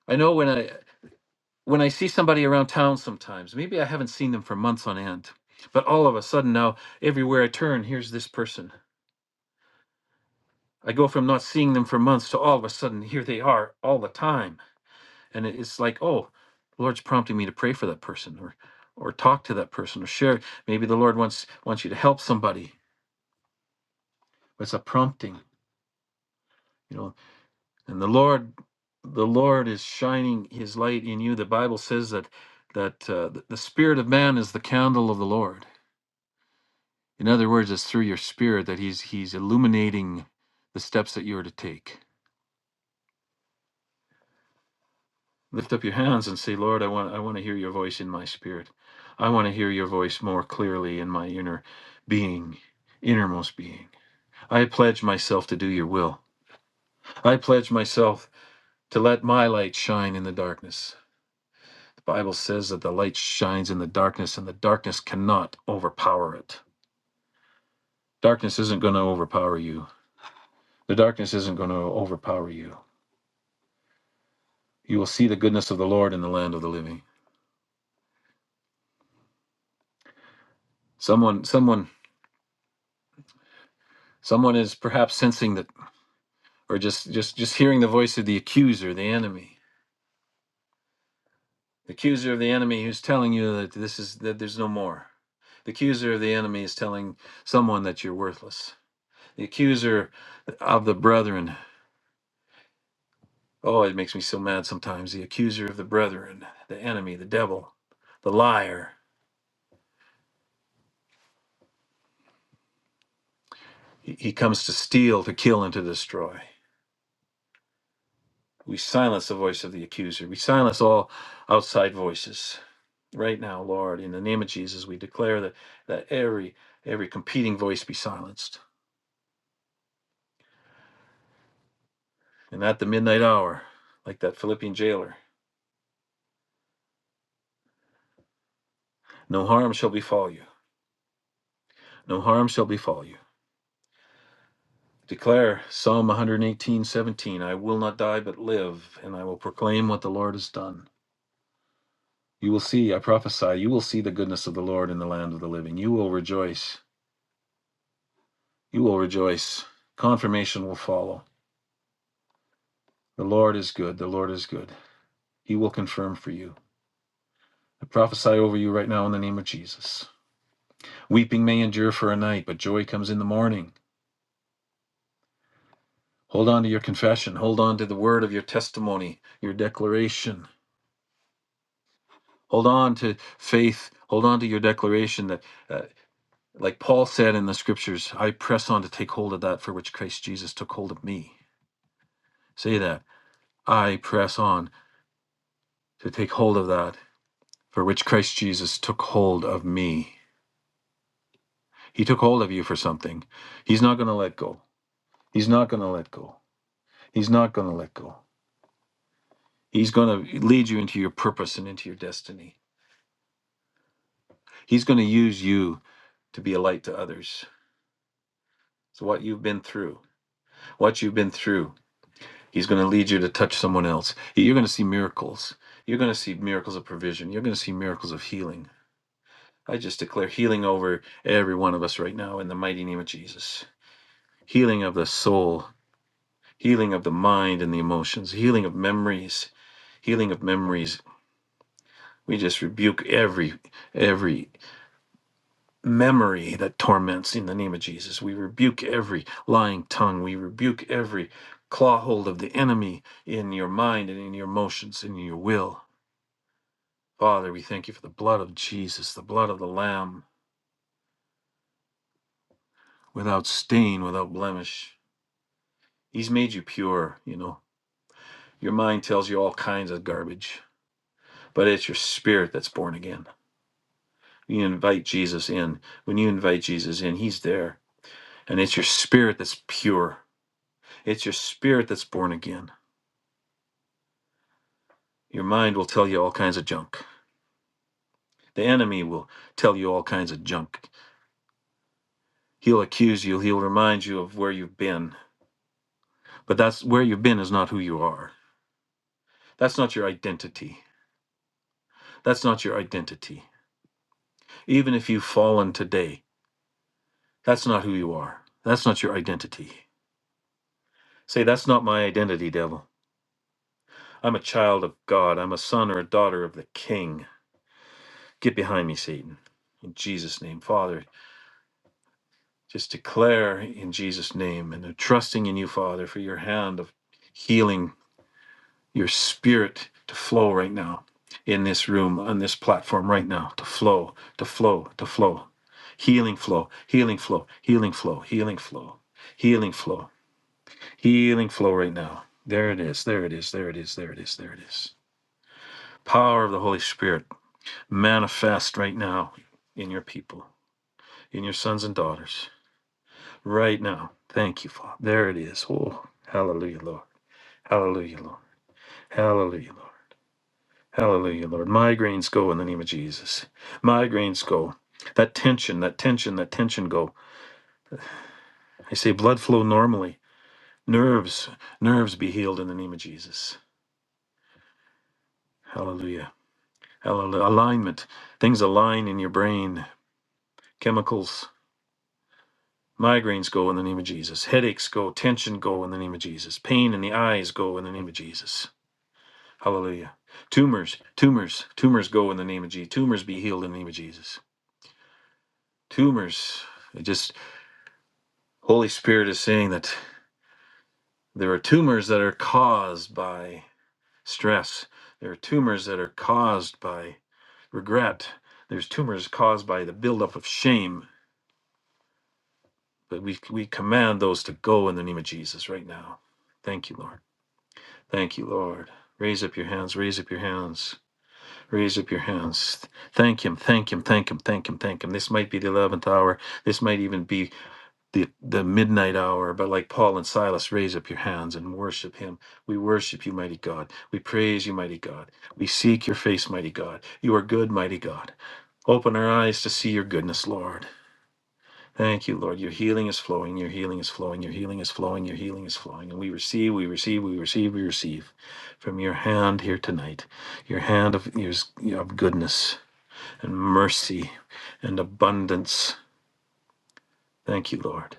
S2: I know when I when I see somebody around town sometimes, maybe I haven't seen them for months on end, but all of a sudden now, everywhere I turn, here's this person. I go from not seeing them for months to all of a sudden, here they are all the time. And it- it's like, oh, the Lord's prompting me to pray for that person or or talk to that person or share. Maybe the Lord wants wants you to help somebody. It's a prompting, you know. And the Lord the Lord is shining his light in you. The Bible says that that uh, the the spirit of man is the candle of the Lord In other words, it's through your spirit that he's he's illuminating the steps that you are to take. Lift up your hands and say, Lord, I want I want to hear your voice in my spirit. I want to hear your voice more clearly in my inner being, innermost being. I pledge myself to do your will. I pledge myself to let my light shine in the darkness. The Bible says that the light shines in the darkness and the darkness cannot overpower it. Darkness isn't going to overpower you. The darkness isn't going to overpower you You will see the goodness of the Lord in the land of the living. Someone, someone, someone is perhaps sensing that, or just, just, just hearing the voice of the accuser, the enemy, the accuser of the enemy, who's telling you that this is that there's no more. The accuser of the enemy is telling someone that you're worthless. The accuser of the brethren. Oh, it makes me so mad sometimes. The accuser of the brethren, the enemy, the devil, the liar. He he comes to steal, to kill, and to destroy. We silence the voice of the accuser. We silence all outside voices. Right now, Lord, in the name of Jesus, we declare that, that every every competing voice be silenced. And at the midnight hour, like that Philippian jailer, no harm shall befall you. No harm shall befall you. Declare Psalm 118 17. I will not die but live, and I will proclaim what the Lord has done. You will see, I prophesy, you will see the goodness of the Lord in the land of the living. You will rejoice. You will rejoice. Confirmation will follow The Lord is good. The Lord is good. He will confirm for you. I prophesy over you right now in the name of Jesus. Weeping may endure for a night, but joy comes in the morning. Hold on to your confession. Hold on to the word of your testimony, your declaration. Hold on to faith. Hold on to your declaration that, uh, like Paul said in the scriptures, I press on to take hold of that for which Christ Jesus took hold of me. Say that. I press on to take hold of that for which Christ Jesus took hold of me. He took hold of you for something. He's not going to let go. He's not going to let go. He's not going to let go. He's going to lead you into your purpose and into your destiny. He's going to use you to be a light to others. So, what you've been through, what you've been through, He's going to lead you to touch someone else. You're going to see miracles. You're going to see miracles of provision. You're going to see miracles of healing. I just declare healing over every one of us right now in the mighty name of Jesus. Healing of the soul, healing of the mind and the emotions, healing of memories, healing of memories. We just rebuke every every memory that torments in the name of Jesus. We rebuke every lying tongue. We rebuke every claw hold of the enemy in your mind and in your emotions and in your will. Father, we thank you for the blood of Jesus, the blood of the Lamb, without stain, without blemish. He's made you pure, you know. Your mind tells you all kinds of garbage, but it's your spirit that's born again. You invite Jesus in. When you invite Jesus in, He's there And it's your spirit that's pure. It's your spirit that's born again. Your mind will tell you all kinds of junk. The enemy will tell you all kinds of junk. He'll accuse you, he'll remind you of where you've been. But that's where you've been is not who you are. That's not your identity. That's not your identity. Even if you've fallen today, that's not who you are. That's not your identity. Say, that's not my identity, devil. I'm a child of God. I'm a son or a daughter of the King. Get behind me, Satan. In Jesus' name, Father. just declare in Jesus' name and I'm trusting in you, Father, for your hand of healing, your spirit to flow right now in this room, on this platform right now, to flow, to flow, to flow. Healing flow, healing flow, healing flow, healing flow, healing flow, healing flow right now. There it is, there it is, there it is, there it is, there it is. Power of the Holy Spirit manifest right now in your people, in your sons and daughters. right now. Thank you, Father. There it is. Oh, hallelujah, Lord. Hallelujah, Lord. Hallelujah, Lord. Hallelujah, Lord. Migraines go in the name of Jesus. Migraines go. That tension, that tension, that tension go. I say blood flow normally. Nerves, nerves be healed in the name of Jesus. Hallelujah. Hallelujah. Alignment. Things align in your brain. Chemicals. Migraines go in the name of Jesus. Headaches go. Tension go in the name of Jesus. Pain in the eyes go in the name of Jesus. Hallelujah. Tumors, tumors, tumors go in the name of Jesus. Tumors be healed in the name of Jesus. Tumors. It just Holy Spirit is saying that there are tumors that are caused by stress. There are tumors that are caused by regret. There's tumors caused by the buildup of shame. But we we command those to go in the name of Jesus right now. Thank you, Lord. Thank you, Lord. Raise up your hands, raise up your hands. Raise up your hands. Thank him, thank him, thank him, thank him, thank him. This might be the 11th hour. This might even be the, the midnight hour. But like Paul and Silas, raise up your hands and worship him. We worship you, mighty God. We praise you, mighty God. We seek your face, mighty God. You are good, mighty God. Open our eyes to see your goodness, Lord. Thank you, Lord. Your healing is flowing. Your healing is flowing. Your healing is flowing. Your healing is flowing. And we receive, we receive, we receive, we receive from your hand here tonight. Your hand of, yours- of goodness and mercy and abundance. Thank you, Lord.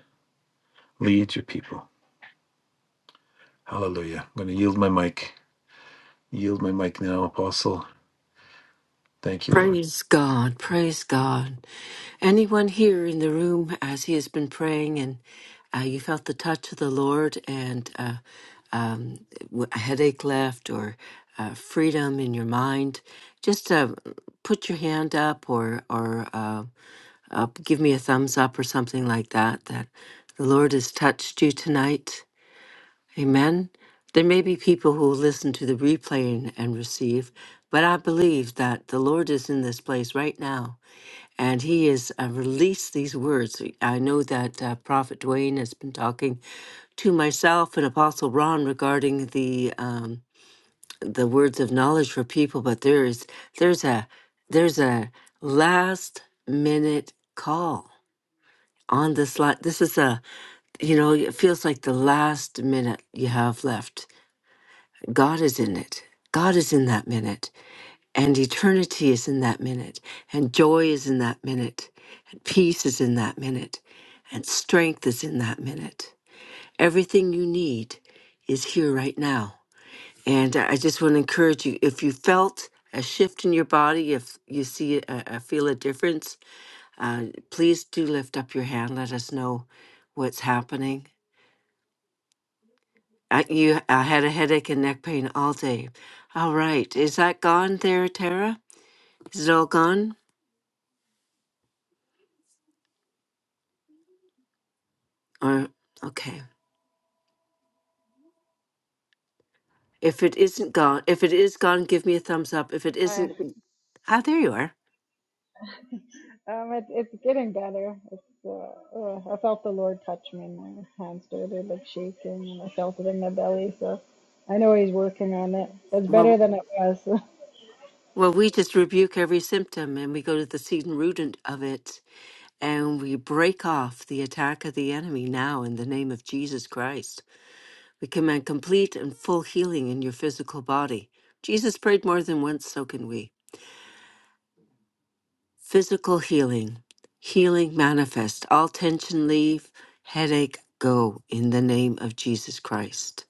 S2: Lead your people. Hallelujah. I'm going to yield my mic. Yield my mic now, Apostle. Thank you, Lord.
S1: Praise God, praise God. Anyone here in the room as he has been praying and uh, you felt the touch of the Lord and uh, um, w- a headache left or uh, freedom in your mind, just uh, put your hand up or, or uh, uh, give me a thumbs up or something like that, that the Lord has touched you tonight. Amen. There may be people who listen to the replay and, and receive, but I believe that the Lord is in this place right now and He has uh, released these words. I know that uh, Prophet Dwayne has been talking to myself and Apostle Ron regarding the um, the words of knowledge for people, but there is there's a there's a last minute call on this line. This is a you know it feels like the last minute you have left God is in it. God is in that minute. And eternity is in that minute. And joy is in that minute. And peace is in that minute. And strength is in that minute. Everything you need is here right now. And I I just want to encourage you if you felt a shift in your body, if you see a, a feel a difference, uh, please do lift up your hand. Let us know what's happening. I, you, I had a headache and neck pain all day. All right. Is that gone there, Tara? Is it all gone? Or, okay. If it isn't gone, if it is gone, give me a thumbs up. If it
S3: Uh,
S1: isn't, ah, there you are.
S3: <laughs> um, it, it's getting better. It's, uh, uh, I felt the Lord touch me. My hands started like shaking, and I felt it in my belly. So I know He's working on it. It's better
S1: Well,
S3: than it was. <laughs>
S1: well, we just rebuke every symptom and we go to the seed and root and- of it and we break off the attack of the enemy now in the name of Jesus Christ. We command complete and full healing in your physical body. Jesus prayed more than once, so can we. Physical healing. Healing manifest. All tension leave, headache go in the name of Jesus Christ.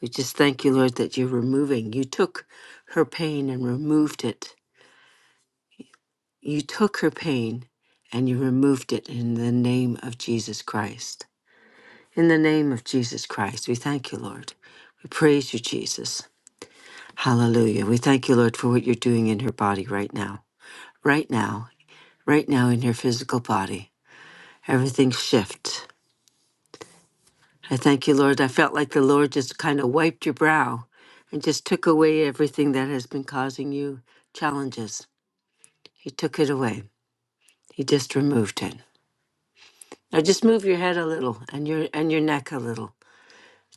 S1: We just thank you, Lord, that you're removing. You took her pain and removed it. You took her pain and you removed it in the name of Jesus Christ. In the name of Jesus Christ, we thank you, Lord. We praise you, Jesus. Hallelujah. We thank you, Lord, for what you're doing in her body right now. Right now. Right now in her physical body. Everything shift. I thank you, Lord. I felt like the Lord just kind of wiped your brow and just took away everything that has been causing you challenges. He took it away. He just removed it. Now just move your head a little and your and your neck a little.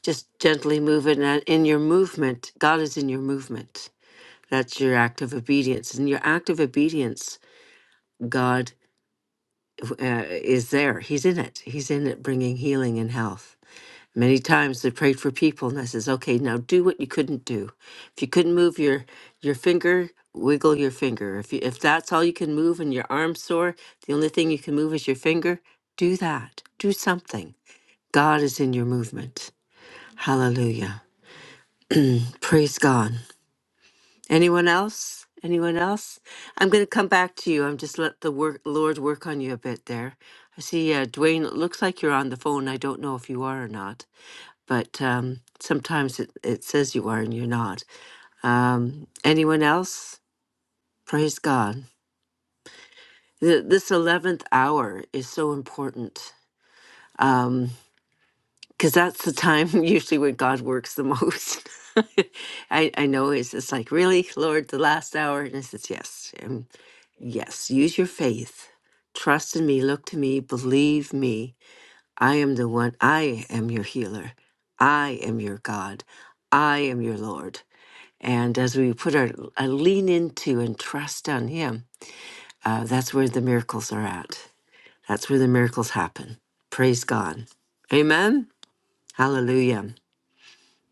S1: Just gently move it and in your movement, God is in your movement. That's your act of obedience. In your act of obedience, God uh, is there. He's in it. He's in it bringing healing and health. Many times they prayed for people, and I says, "Okay, now do what you couldn't do. If you couldn't move your your finger, wiggle your finger. If you, if that's all you can move, and your arm's sore, the only thing you can move is your finger. Do that. Do something. God is in your movement. Hallelujah. Praise God. Anyone else? Anyone else? I'm going to come back to you. I'm just let the work, Lord work on you a bit there. I see, uh, Dwayne. It looks like you're on the phone. I don't know if you are or not. but um, sometimes it, it says you are and you're not. Um, anyone else? Praise God. Th- This 11th hour is so important because that's the time <laughs> usually when God works the most. <laughs> I, I know it's just like, really, Lord, the last hour? And I says, yes, um, yes, use your faith. Trust in me, look to me, believe me. I am the one, I am your healer. I am your God. I am your Lord. And as we put our uh, lean into and trust on Him, uh, that's where the miracles are at. That's where the miracles happen. Praise God. Amen. Hallelujah.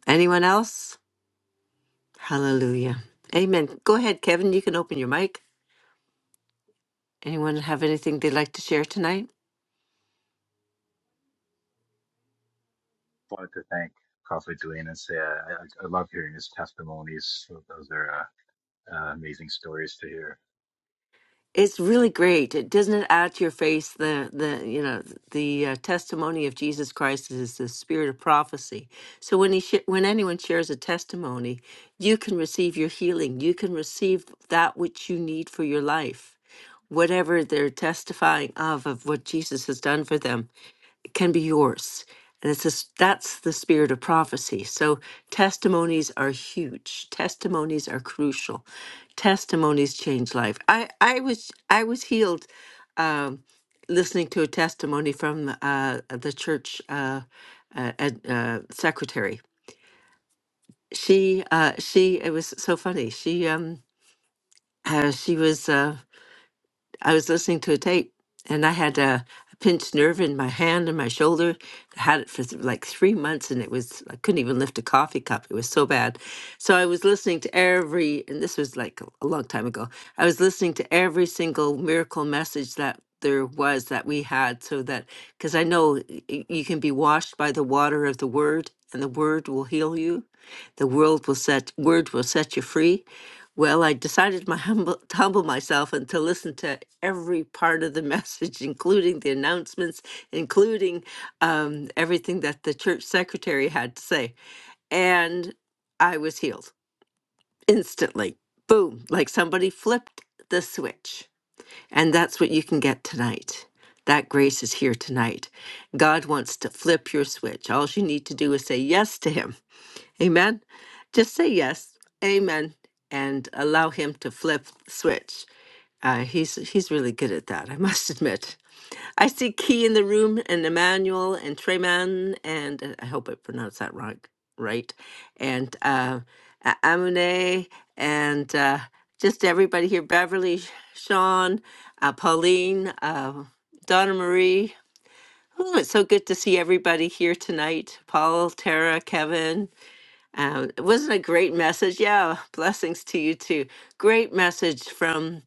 S1: Anyone else? Hallelujah. Amen. Go ahead, Kevin. You can open your mic. Anyone have anything they'd like to share tonight?
S4: wanted to thank Prophet Dwayne and say I, I I love hearing his testimonies. Those are uh, uh, amazing stories to hear.
S1: It's really great. It doesn't it add to your face the the you know the uh, testimony of Jesus Christ is the spirit of prophecy. So when he sh- when anyone shares a testimony, you can receive your healing. You can receive that which you need for your life, whatever they're testifying of of what Jesus has done for them can be yours. And it's just, that's the spirit of prophecy. So testimonies are huge. Testimonies are crucial. Testimonies change life. I, I was I was healed um, listening to a testimony from uh, the church uh, uh, ad- uh, secretary. She uh, she it was so funny. She um uh, she was. Uh, I was listening to a tape and I had a, a pinched nerve in my hand and my shoulder. I had it for th- like three months and it was, I couldn't even lift a coffee cup. It was so bad. So I was listening to every, and this was like a a long time ago, I was listening to every single miracle message that there was that we had so that, because I know y- you can be washed by the water of the word and the word will heal you. The world will set, word will set you free. Well, I decided my <laughs> humble, to humble myself and to listen to every part of the message, <laughs> including the announcements, including um, everything that the church secretary had to say. And I was healed instantly. Boom, like somebody flipped the switch. And that's what you can get tonight. That grace is here tonight. God wants to flip your switch. All you need to do is say yes to Him Amen. Just say yes. Amen. And allow him to flip the switch. Uh, he's he's really good at that, I <laughs> must admit. I see Key in the room and Emmanuel and Treyman and uh, I hope I pronounced that right right. And uh, A- Amune and uh, just everybody here, Beverly, Sean, uh, Pauline, uh, Donna Marie. Ooh, it's so good to see everybody here tonight. Paul, Tara, Kevin, um, it wasn't a great message. Yeah, blessings to you too. Great message from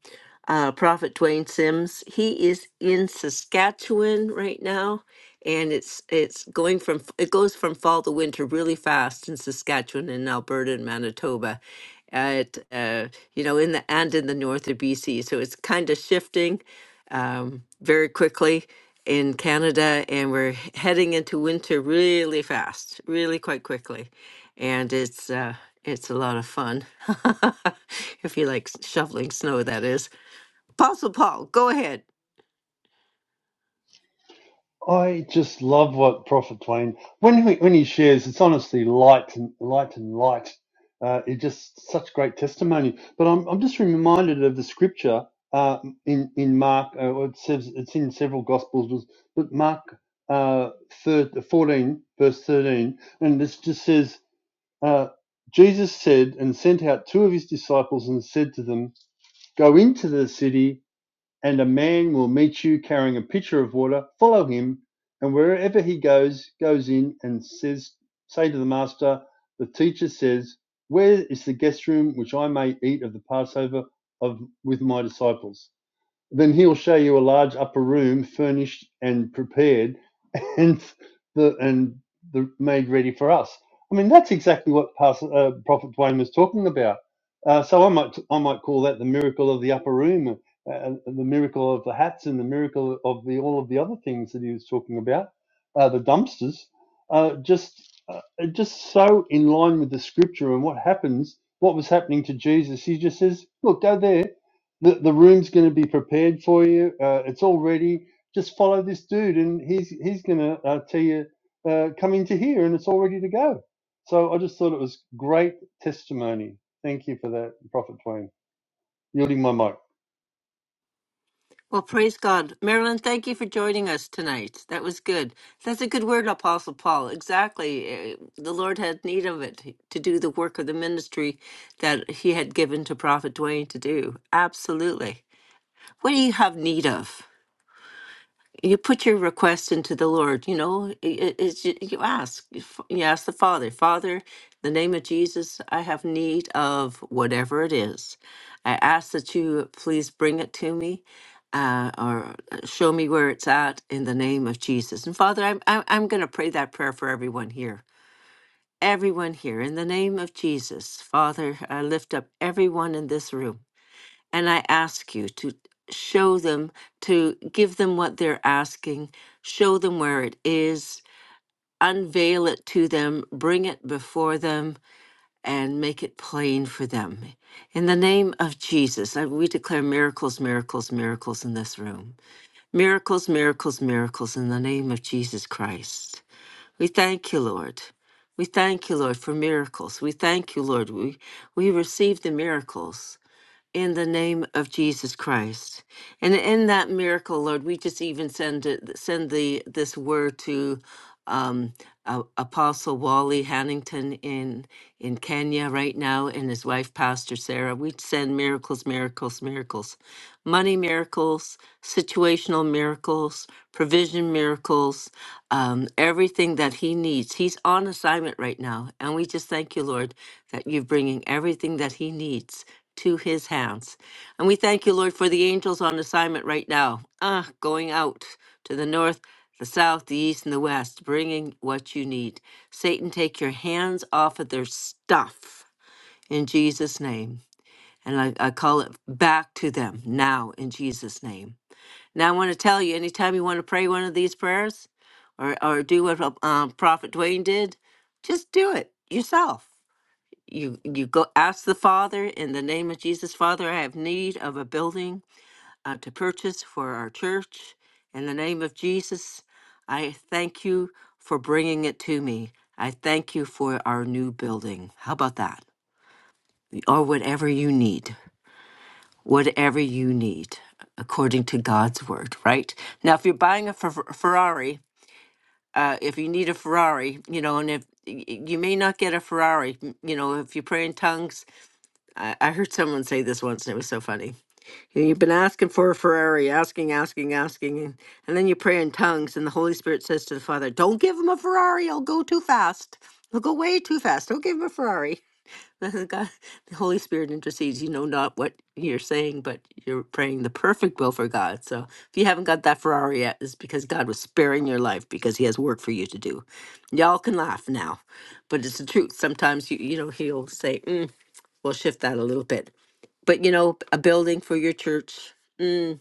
S1: uh, Prophet Dwayne Sims. He is in Saskatchewan right now, and it's it's going from it goes from fall to winter really fast in Saskatchewan and Alberta and Manitoba. At uh, you know in the and in the north of BC, so it's kind of shifting um, very quickly in Canada, and we're heading into winter really fast, really quite quickly and it's uh, it's a lot of fun <laughs> if you like shoveling snow. That is, Apostle Paul, go ahead.
S5: I just love what Prophet Twain when he, when he shares. It's honestly light and light and light. Uh, it just such great testimony. But I'm I'm just reminded of the scripture uh, in in Mark. Uh, well, it says it's in several gospels, but Mark uh, thir 14 verse 13, and this just says. Uh, Jesus said and sent out two of his disciples and said to them, Go into the city and a man will meet you carrying a pitcher of water, follow him, and wherever he goes, goes in and says, say to the master, the teacher says, where is the guest room which I may eat of the Passover of with my disciples? Then he'll show you a large upper room, furnished and prepared, <laughs> and the and the made ready for us. I mean, that's exactly what Pastor, uh, Prophet Dwayne was talking about. Uh, so I might I might call that the miracle of the upper room, uh, uh, the miracle of the hats, and the miracle of the all of the other things that he was talking about, uh, the dumpsters. Uh, just uh, uh, just so in line with the scripture and what happens, what was happening to Jesus. He just says, "Look, go there." the, the room's going to be prepared for you. Uh, it's all ready. Just follow this dude, and he's he's going to uh, tell you uh, come into here, and it's all ready to go. So I just thought it was great testimony. Thank you for that, Prophet Twain. Yielding my mic.
S1: Well, praise God, Marilyn. Thank you for joining us tonight. That was good. That's a good word, Apostle Paul. Exactly, eh, the Lord had need of it to do the work of the ministry that He had given to Prophet Dwayne to do. Absolutely. What do you have need of? you put your request into the Lord. You know, it, it's you you ask, you f- you ask the Father, Father, in the name of Jesus, I have need of whatever it is. I ask that you please bring it to me, uh, or uh, show me where it's at in the name of Jesus. And Father, I'm I'm, I'm going to pray that prayer for everyone here. Everyone here, in the name of Jesus, Father, I lift up everyone in this room and I ask you to show them, to give them what they're asking, show them where it is, unveil it to them, bring it before them, and make it plain for them. In the name of Jesus, I- we declare miracles, miracles, miracles in this room. Miracles, miracles, miracles in the name of Jesus Christ. We thank you, Lord. We thank you, Lord, for miracles. We thank you, Lord. We, we receive the miracles in the name of Jesus Christ. And in that miracle, Lord, we just even send it, send the this word to um, uh, Apostle Wally Hannington in in Kenya right now, and his wife Pastor Sarah. We send miracles, miracles, miracles, money miracles, situational miracles, provision miracles, um, everything that he needs. He's on assignment right now, and we just thank you, Lord, that you're bringing everything that he needs to his hands. And we thank you, Lord, for the angels on assignment right now. Ah, going out to the north, the south, the east, and the west, bringing what you need. Satan, take your hands off of their stuff in Jesus' name. And I, I call it back to them now in Jesus' name. Now, I want to tell you anytime you want to pray one of these prayers or, or do what um, Prophet Dwayne did, just do it yourself you you go ask the father in the name of jesus father i have need of a building uh, to purchase for our church in the name of jesus i thank you for bringing it to me i thank you for our new building how about that or whatever you need whatever you need according to god's word right now if you're buying a Fer- ferrari uh, if you need a ferrari you know and if y- y- you may not get a ferrari m- you know if you pray in tongues I, I heard someone say this once and it was so funny. You know, You've been asking for a Ferrari, asking, asking, asking, and, and then you pray in tongues, and the Holy Spirit says to the Father, Don't give him a Ferrari, he'll go too fast. He'll go way too fast. Don't give him a Ferrari. <laughs> And God, the Holy Spirit intercedes. You know not what you're saying, but you're praying the perfect will for God. So if you haven't got that Ferrari yet, it's because God was sparing your life because He has work for you to do. Y'all can laugh now, but it's the truth. Sometimes you you know He'll say, mm, "We'll shift that a little bit." But you know, a building for your church. Mm,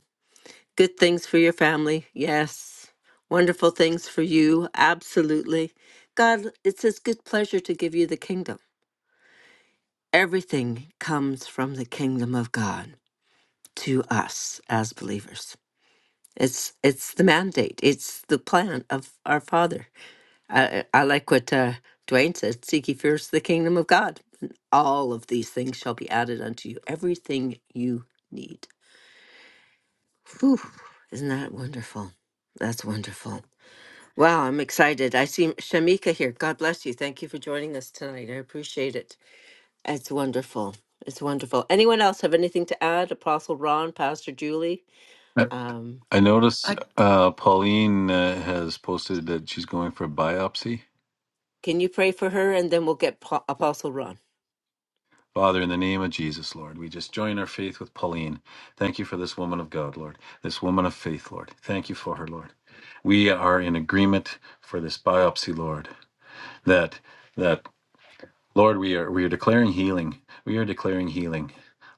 S1: good things for your family. Yes. Wonderful things for you. Absolutely. God, it's his good pleasure to give you the kingdom. Everything comes from the kingdom of God to us as believers. It's it's the mandate. It's the plan of our Father. I, I like what uh, Dwayne said: "Seek ye first the kingdom of God, and all of these things shall be added unto you. Everything you need." Whew, isn't that wonderful? That's wonderful. Wow, I'm excited. I see Shamika here. God bless you. Thank you for joining us tonight. I appreciate it. It's wonderful. It's wonderful. Anyone else have anything to add? Apostle Ron, Pastor Julie?
S2: I
S1: Um,
S2: I notice
S6: I
S2: uh, Pauline uh, has posted that she's going for a biopsy.
S1: can you pray for her and then we'll get po- Apostle Ron?
S2: Father, in the name of Jesus, Lord, we just join our faith with Pauline. Thank you for this woman of God, Lord. This woman of faith, Lord. Thank you for her, Lord. We are in agreement for this biopsy, Lord. That that Lord, we are we are declaring healing. We are declaring healing.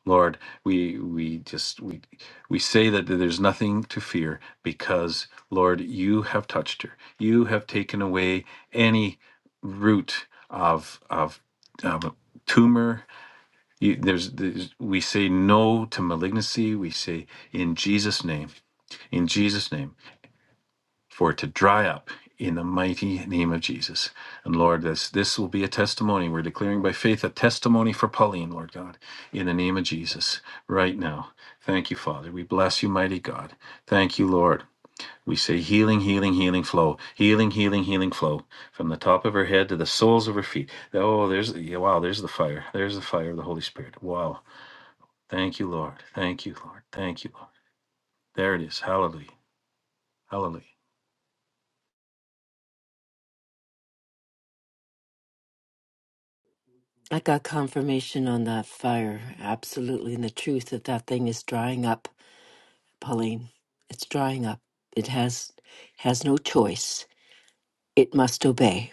S2: Lord, we we just we we say that there's nothing to fear because Lord, you have touched her. You have taken away any root of of um, tumor. You, there's, there's we say no to malignancy. We say in Jesus' name, in Jesus' name for it to dry up in the mighty name of Jesus. And Lord, this this will be a testimony. We're declaring by faith a testimony for Pauline, Lord God, in the name of Jesus, right now. Thank you, Father. We bless you, mighty God. Thank you, Lord. We say healing, healing, healing flow, healing, healing, healing flow from the top of her head to the soles of her feet. Oh, there's yeah, wow, there's the fire. There's the fire of the Holy Spirit. Wow. Thank you, Lord. Thank you, Lord. Thank you, Lord. There it is. Hallelujah. Hallelujah.
S1: I got confirmation on that fire. Absolutely. And the truth that that thing is drying up, Pauline. It's drying up. It has has no choice. It must obey.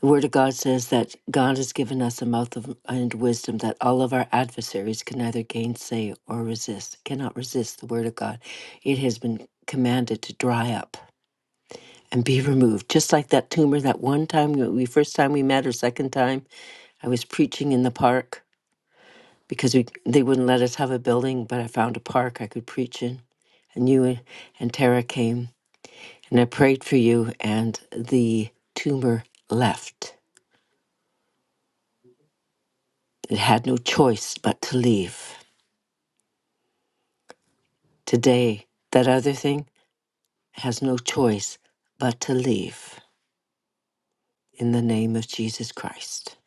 S1: The Word of God says that God has given us a mouth of, and wisdom that all of our adversaries can neither gainsay or resist, cannot resist the Word of God. It has been commanded to dry up and be removed. Just like that tumor, that one time, we first time we met or second time, I was preaching in the park because we, they wouldn't let us have a building, but I found a park I could preach in. And you and Tara came, and I prayed for you, and the tumor left It had no choice but to leave. Today, that other thing has no choice but to leave in the name of Jesus Christ.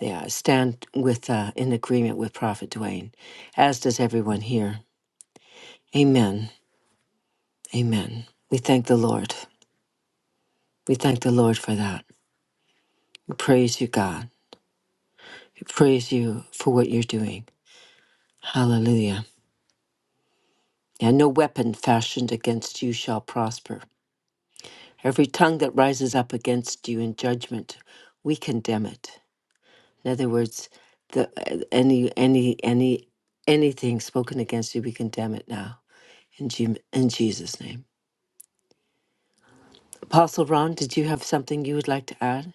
S1: Yeah, I stand with uh, in agreement with Prophet Duane, as does everyone here. Amen. Amen. We thank the Lord. We thank the Lord for that. We praise you, God. We praise you for what you're doing. Hallelujah. And no weapon fashioned against you shall prosper. Every tongue that rises up against you in judgment, we condemn it. In other words, the uh, any any any anything spoken against you, we condemn it now in Je- in Jesus' name. Apostle Ron, did you have something you would like to add?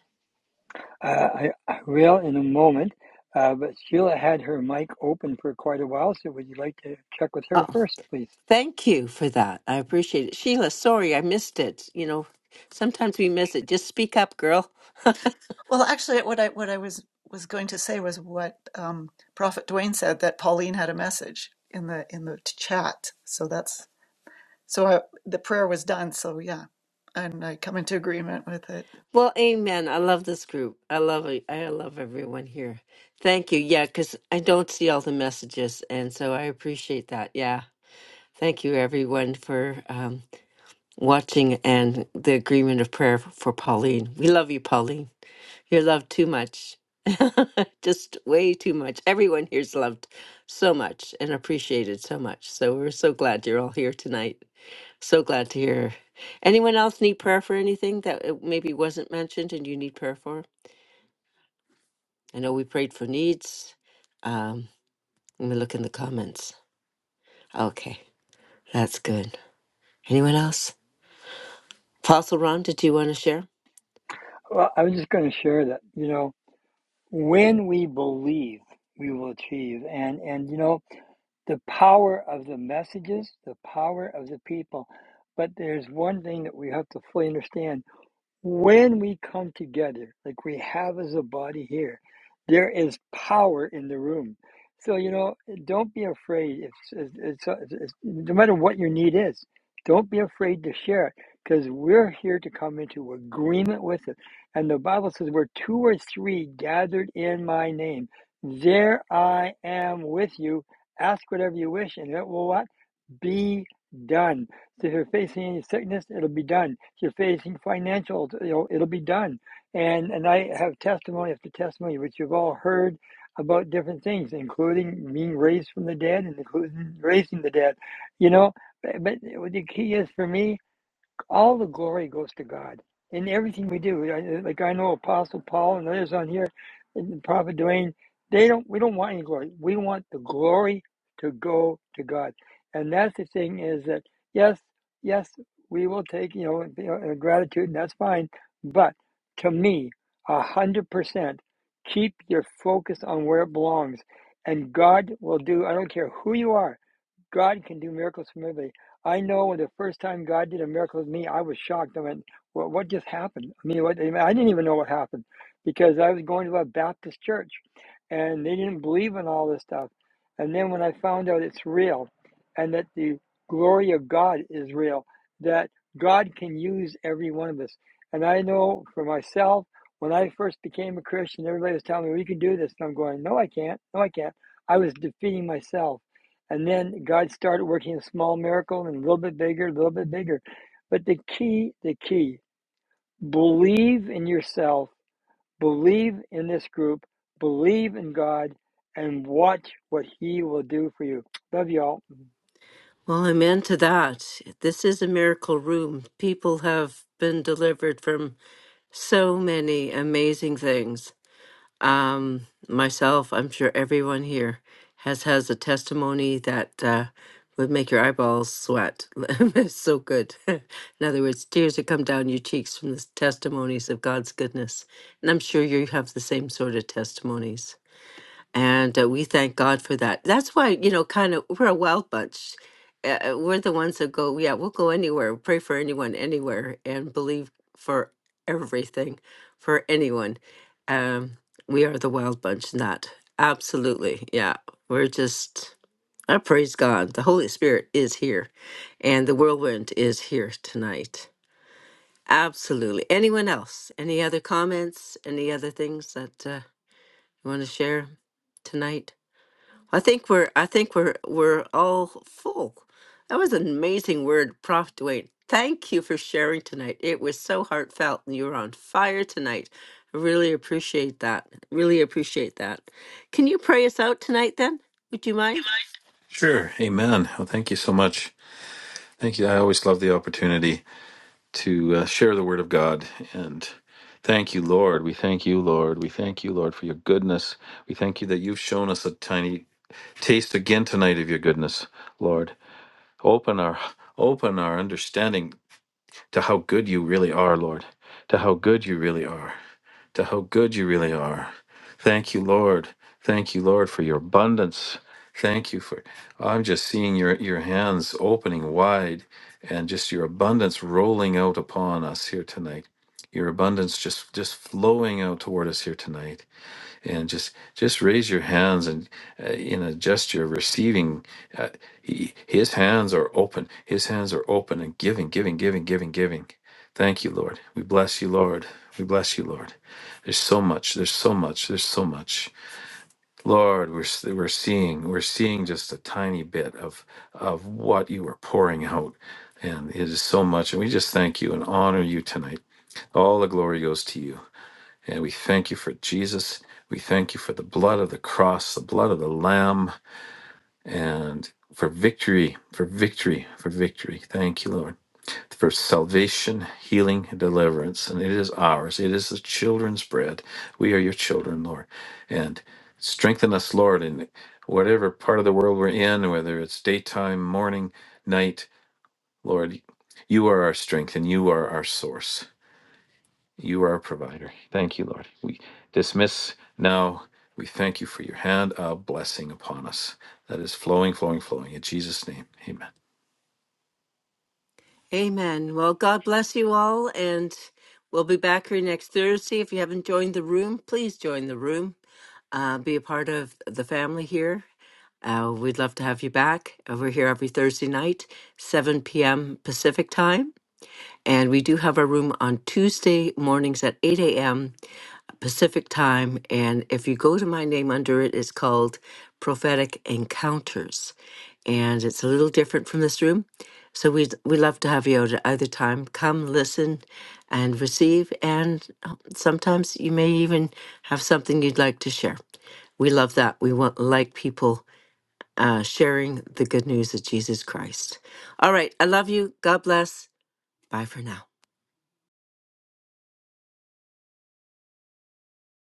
S7: Uh, I, I will in a moment, uh, but Sheila had her mic open for quite a while, so would you like to check with her
S1: Oh,
S7: first, please?
S1: thank you for that. I appreciate it, Sheila. Sorry, I missed it. You know, sometimes we miss it. Just speak up, girl.
S6: well, actually, what I what I was was going to say was what um, Prophet Dwayne said that Pauline had a message in the in the t- chat. So that's so I, the prayer was done. So yeah, and I come into agreement with it.
S1: Well, amen. I love this group. I love it. I love everyone here. Thank you. Yeah, because I don't see all the messages, and so I appreciate that. Yeah. Thank you, everyone, for um, watching and the agreement of prayer for Pauline. We love you, Pauline. You're loved too much. <laughs> Just way too much. Everyone here's loved so much and appreciated so much. So we're so glad you're all here tonight. So glad to hear. Anyone else need prayer for anything that uh, maybe wasn't mentioned and you need prayer for? I know we prayed for needs. Um, let me look in the comments. Okay, that's good. Anyone else? Apostle Ron, did you want to share?
S7: Well, I was just going to share that, you know, when we believe, we will achieve. And, and, you know, the power of the messages, the power of the people. But there's one thing that we have to fully understand When we come together, like we have as a body here, there is power in the room. So, you know, don't be afraid. If, it's it's it's- no matter what your need is, don't be afraid to share it because we're here to come into agreement with it. And the Bible says, where two or three gathered in my name, there I am with you. Ask whatever you wish, and it will be done. So if you're facing any sickness, it'll be done. If you're facing financial, you know, it'll be done. And and I have testimony after testimony, which you've all heard about different things, including being raised from the dead and including raising the dead. You know, but but the key is for me all the glory goes to God in everything we do. Like I know Apostle Paul and others on here, and Prophet Duane, they don't. We don't want any glory. We want the glory to go to God, and that's the thing is that yes, yes, we will take you know you know, uh, gratitude, and that's fine. But to me, a hundred percent, keep your focus on where it belongs, and God will do. I don't care who you are. God can do miracles for me. I know when the first time God did a miracle with me, I was shocked. I went, "What? What just happened?" I mean, what, I didn't even know what happened because I was going to a Baptist church, and they didn't believe in all this stuff. And then when I found out it's real, and that the glory of God is real, that God can use every one of us. And I know for myself, when I first became a Christian, everybody was telling me, "We can do this," and I'm going, "No, I can't. No, I can't." I was defeating myself and then God started working a small miracle and a little bit bigger, a little bit bigger. But the key, the key, believe in yourself, believe in this group, believe in God, and watch what He will do for you. Love y'all.
S1: Well, I'm into that. This is a miracle room. People have been delivered from so many amazing things. Um, myself, I'm sure everyone here has has a testimony that uh, would make your eyeballs sweat. <laughs> it's so good. <laughs> In other words, tears that come down your cheeks from the testimonies of God's goodness. And I'm sure you have the same sort of testimonies. And uh, we thank God for that. That's why, you know, kind of, we're a wild bunch. Uh, uh, we're the ones that go, yeah, we'll go anywhere, pray for anyone, anywhere, and believe for everything, for anyone. Um, we are the wild bunch, not absolutely. Yeah, we're just, I praise God. The Holy Spirit is here, and the whirlwind is here tonight. Absolutely. Anyone else? Any other comments? Any other things that uh, you want to share tonight? I think we're I think we're we're all full. That was an amazing word, Prof. Dwayne. Thank you for sharing tonight. It was so heartfelt and you were on fire tonight. I really appreciate that. Really appreciate that. Can you pray us out tonight then? Would you mind?
S2: Sure. Amen. Well, thank you so much. Thank you. I always love the opportunity to uh, share the word of God. And thank you, Lord. We thank you, Lord. We thank you, Lord, for your goodness. We thank you that you've shown us a tiny taste again tonight of your goodness, Lord. Open our open our understanding to how good you really are, Lord. To how good you really are to how good you really are. Thank you, Lord. Thank you, Lord, for your abundance. Thank you for I'm just seeing your your hands opening wide and just your abundance rolling out upon us here tonight. Your abundance just just flowing out toward us here tonight and just just raise your hands and uh, in a gesture of receiving uh, he, his hands are open his hands are open and giving giving giving giving giving thank you lord we bless you lord we bless you lord there's so much there's so much there's so much lord we're s- we're seeing we're seeing just a tiny bit of of what you are pouring out and it is so much and we just thank you and honor you tonight all the glory goes to you and we thank you for Jesus. We thank you for the blood of the cross, the blood of the Lamb, and for victory, for victory, for victory. Thank you, Lord, for salvation, healing, and deliverance. And it is ours. It is the children's bread. We are your children, Lord. And strengthen us, Lord, in whatever part of the world we're in, whether it's daytime, morning, night, Lord, you are our strength and you are our source. You are our provider. Thank you, Lord. We dismiss now. We thank you for your hand of blessing upon us that is flowing, flowing, flowing. In Jesus' name, amen.
S1: Amen. Well, God bless you all and we'll be back here next Thursday. If you haven't joined the room, please join the room. Uh, be a part of the family here Uh, we'd love to have you back. Uh, We're here every Thursday night, 7 p.m. Pacific time. And we do have a room on Tuesday mornings at 8 a.m. Pacific time. And if you go to my name under it, it's called Prophetic Encounters. And it's a little different from this room. So we'd, we'd love to have you out at either time. Come listen and receive. And uh, sometimes you may even have something you'd like to share. We love that. We want like people uh, sharing the good news of Jesus Christ. All right. I love you. God bless. Bye for now.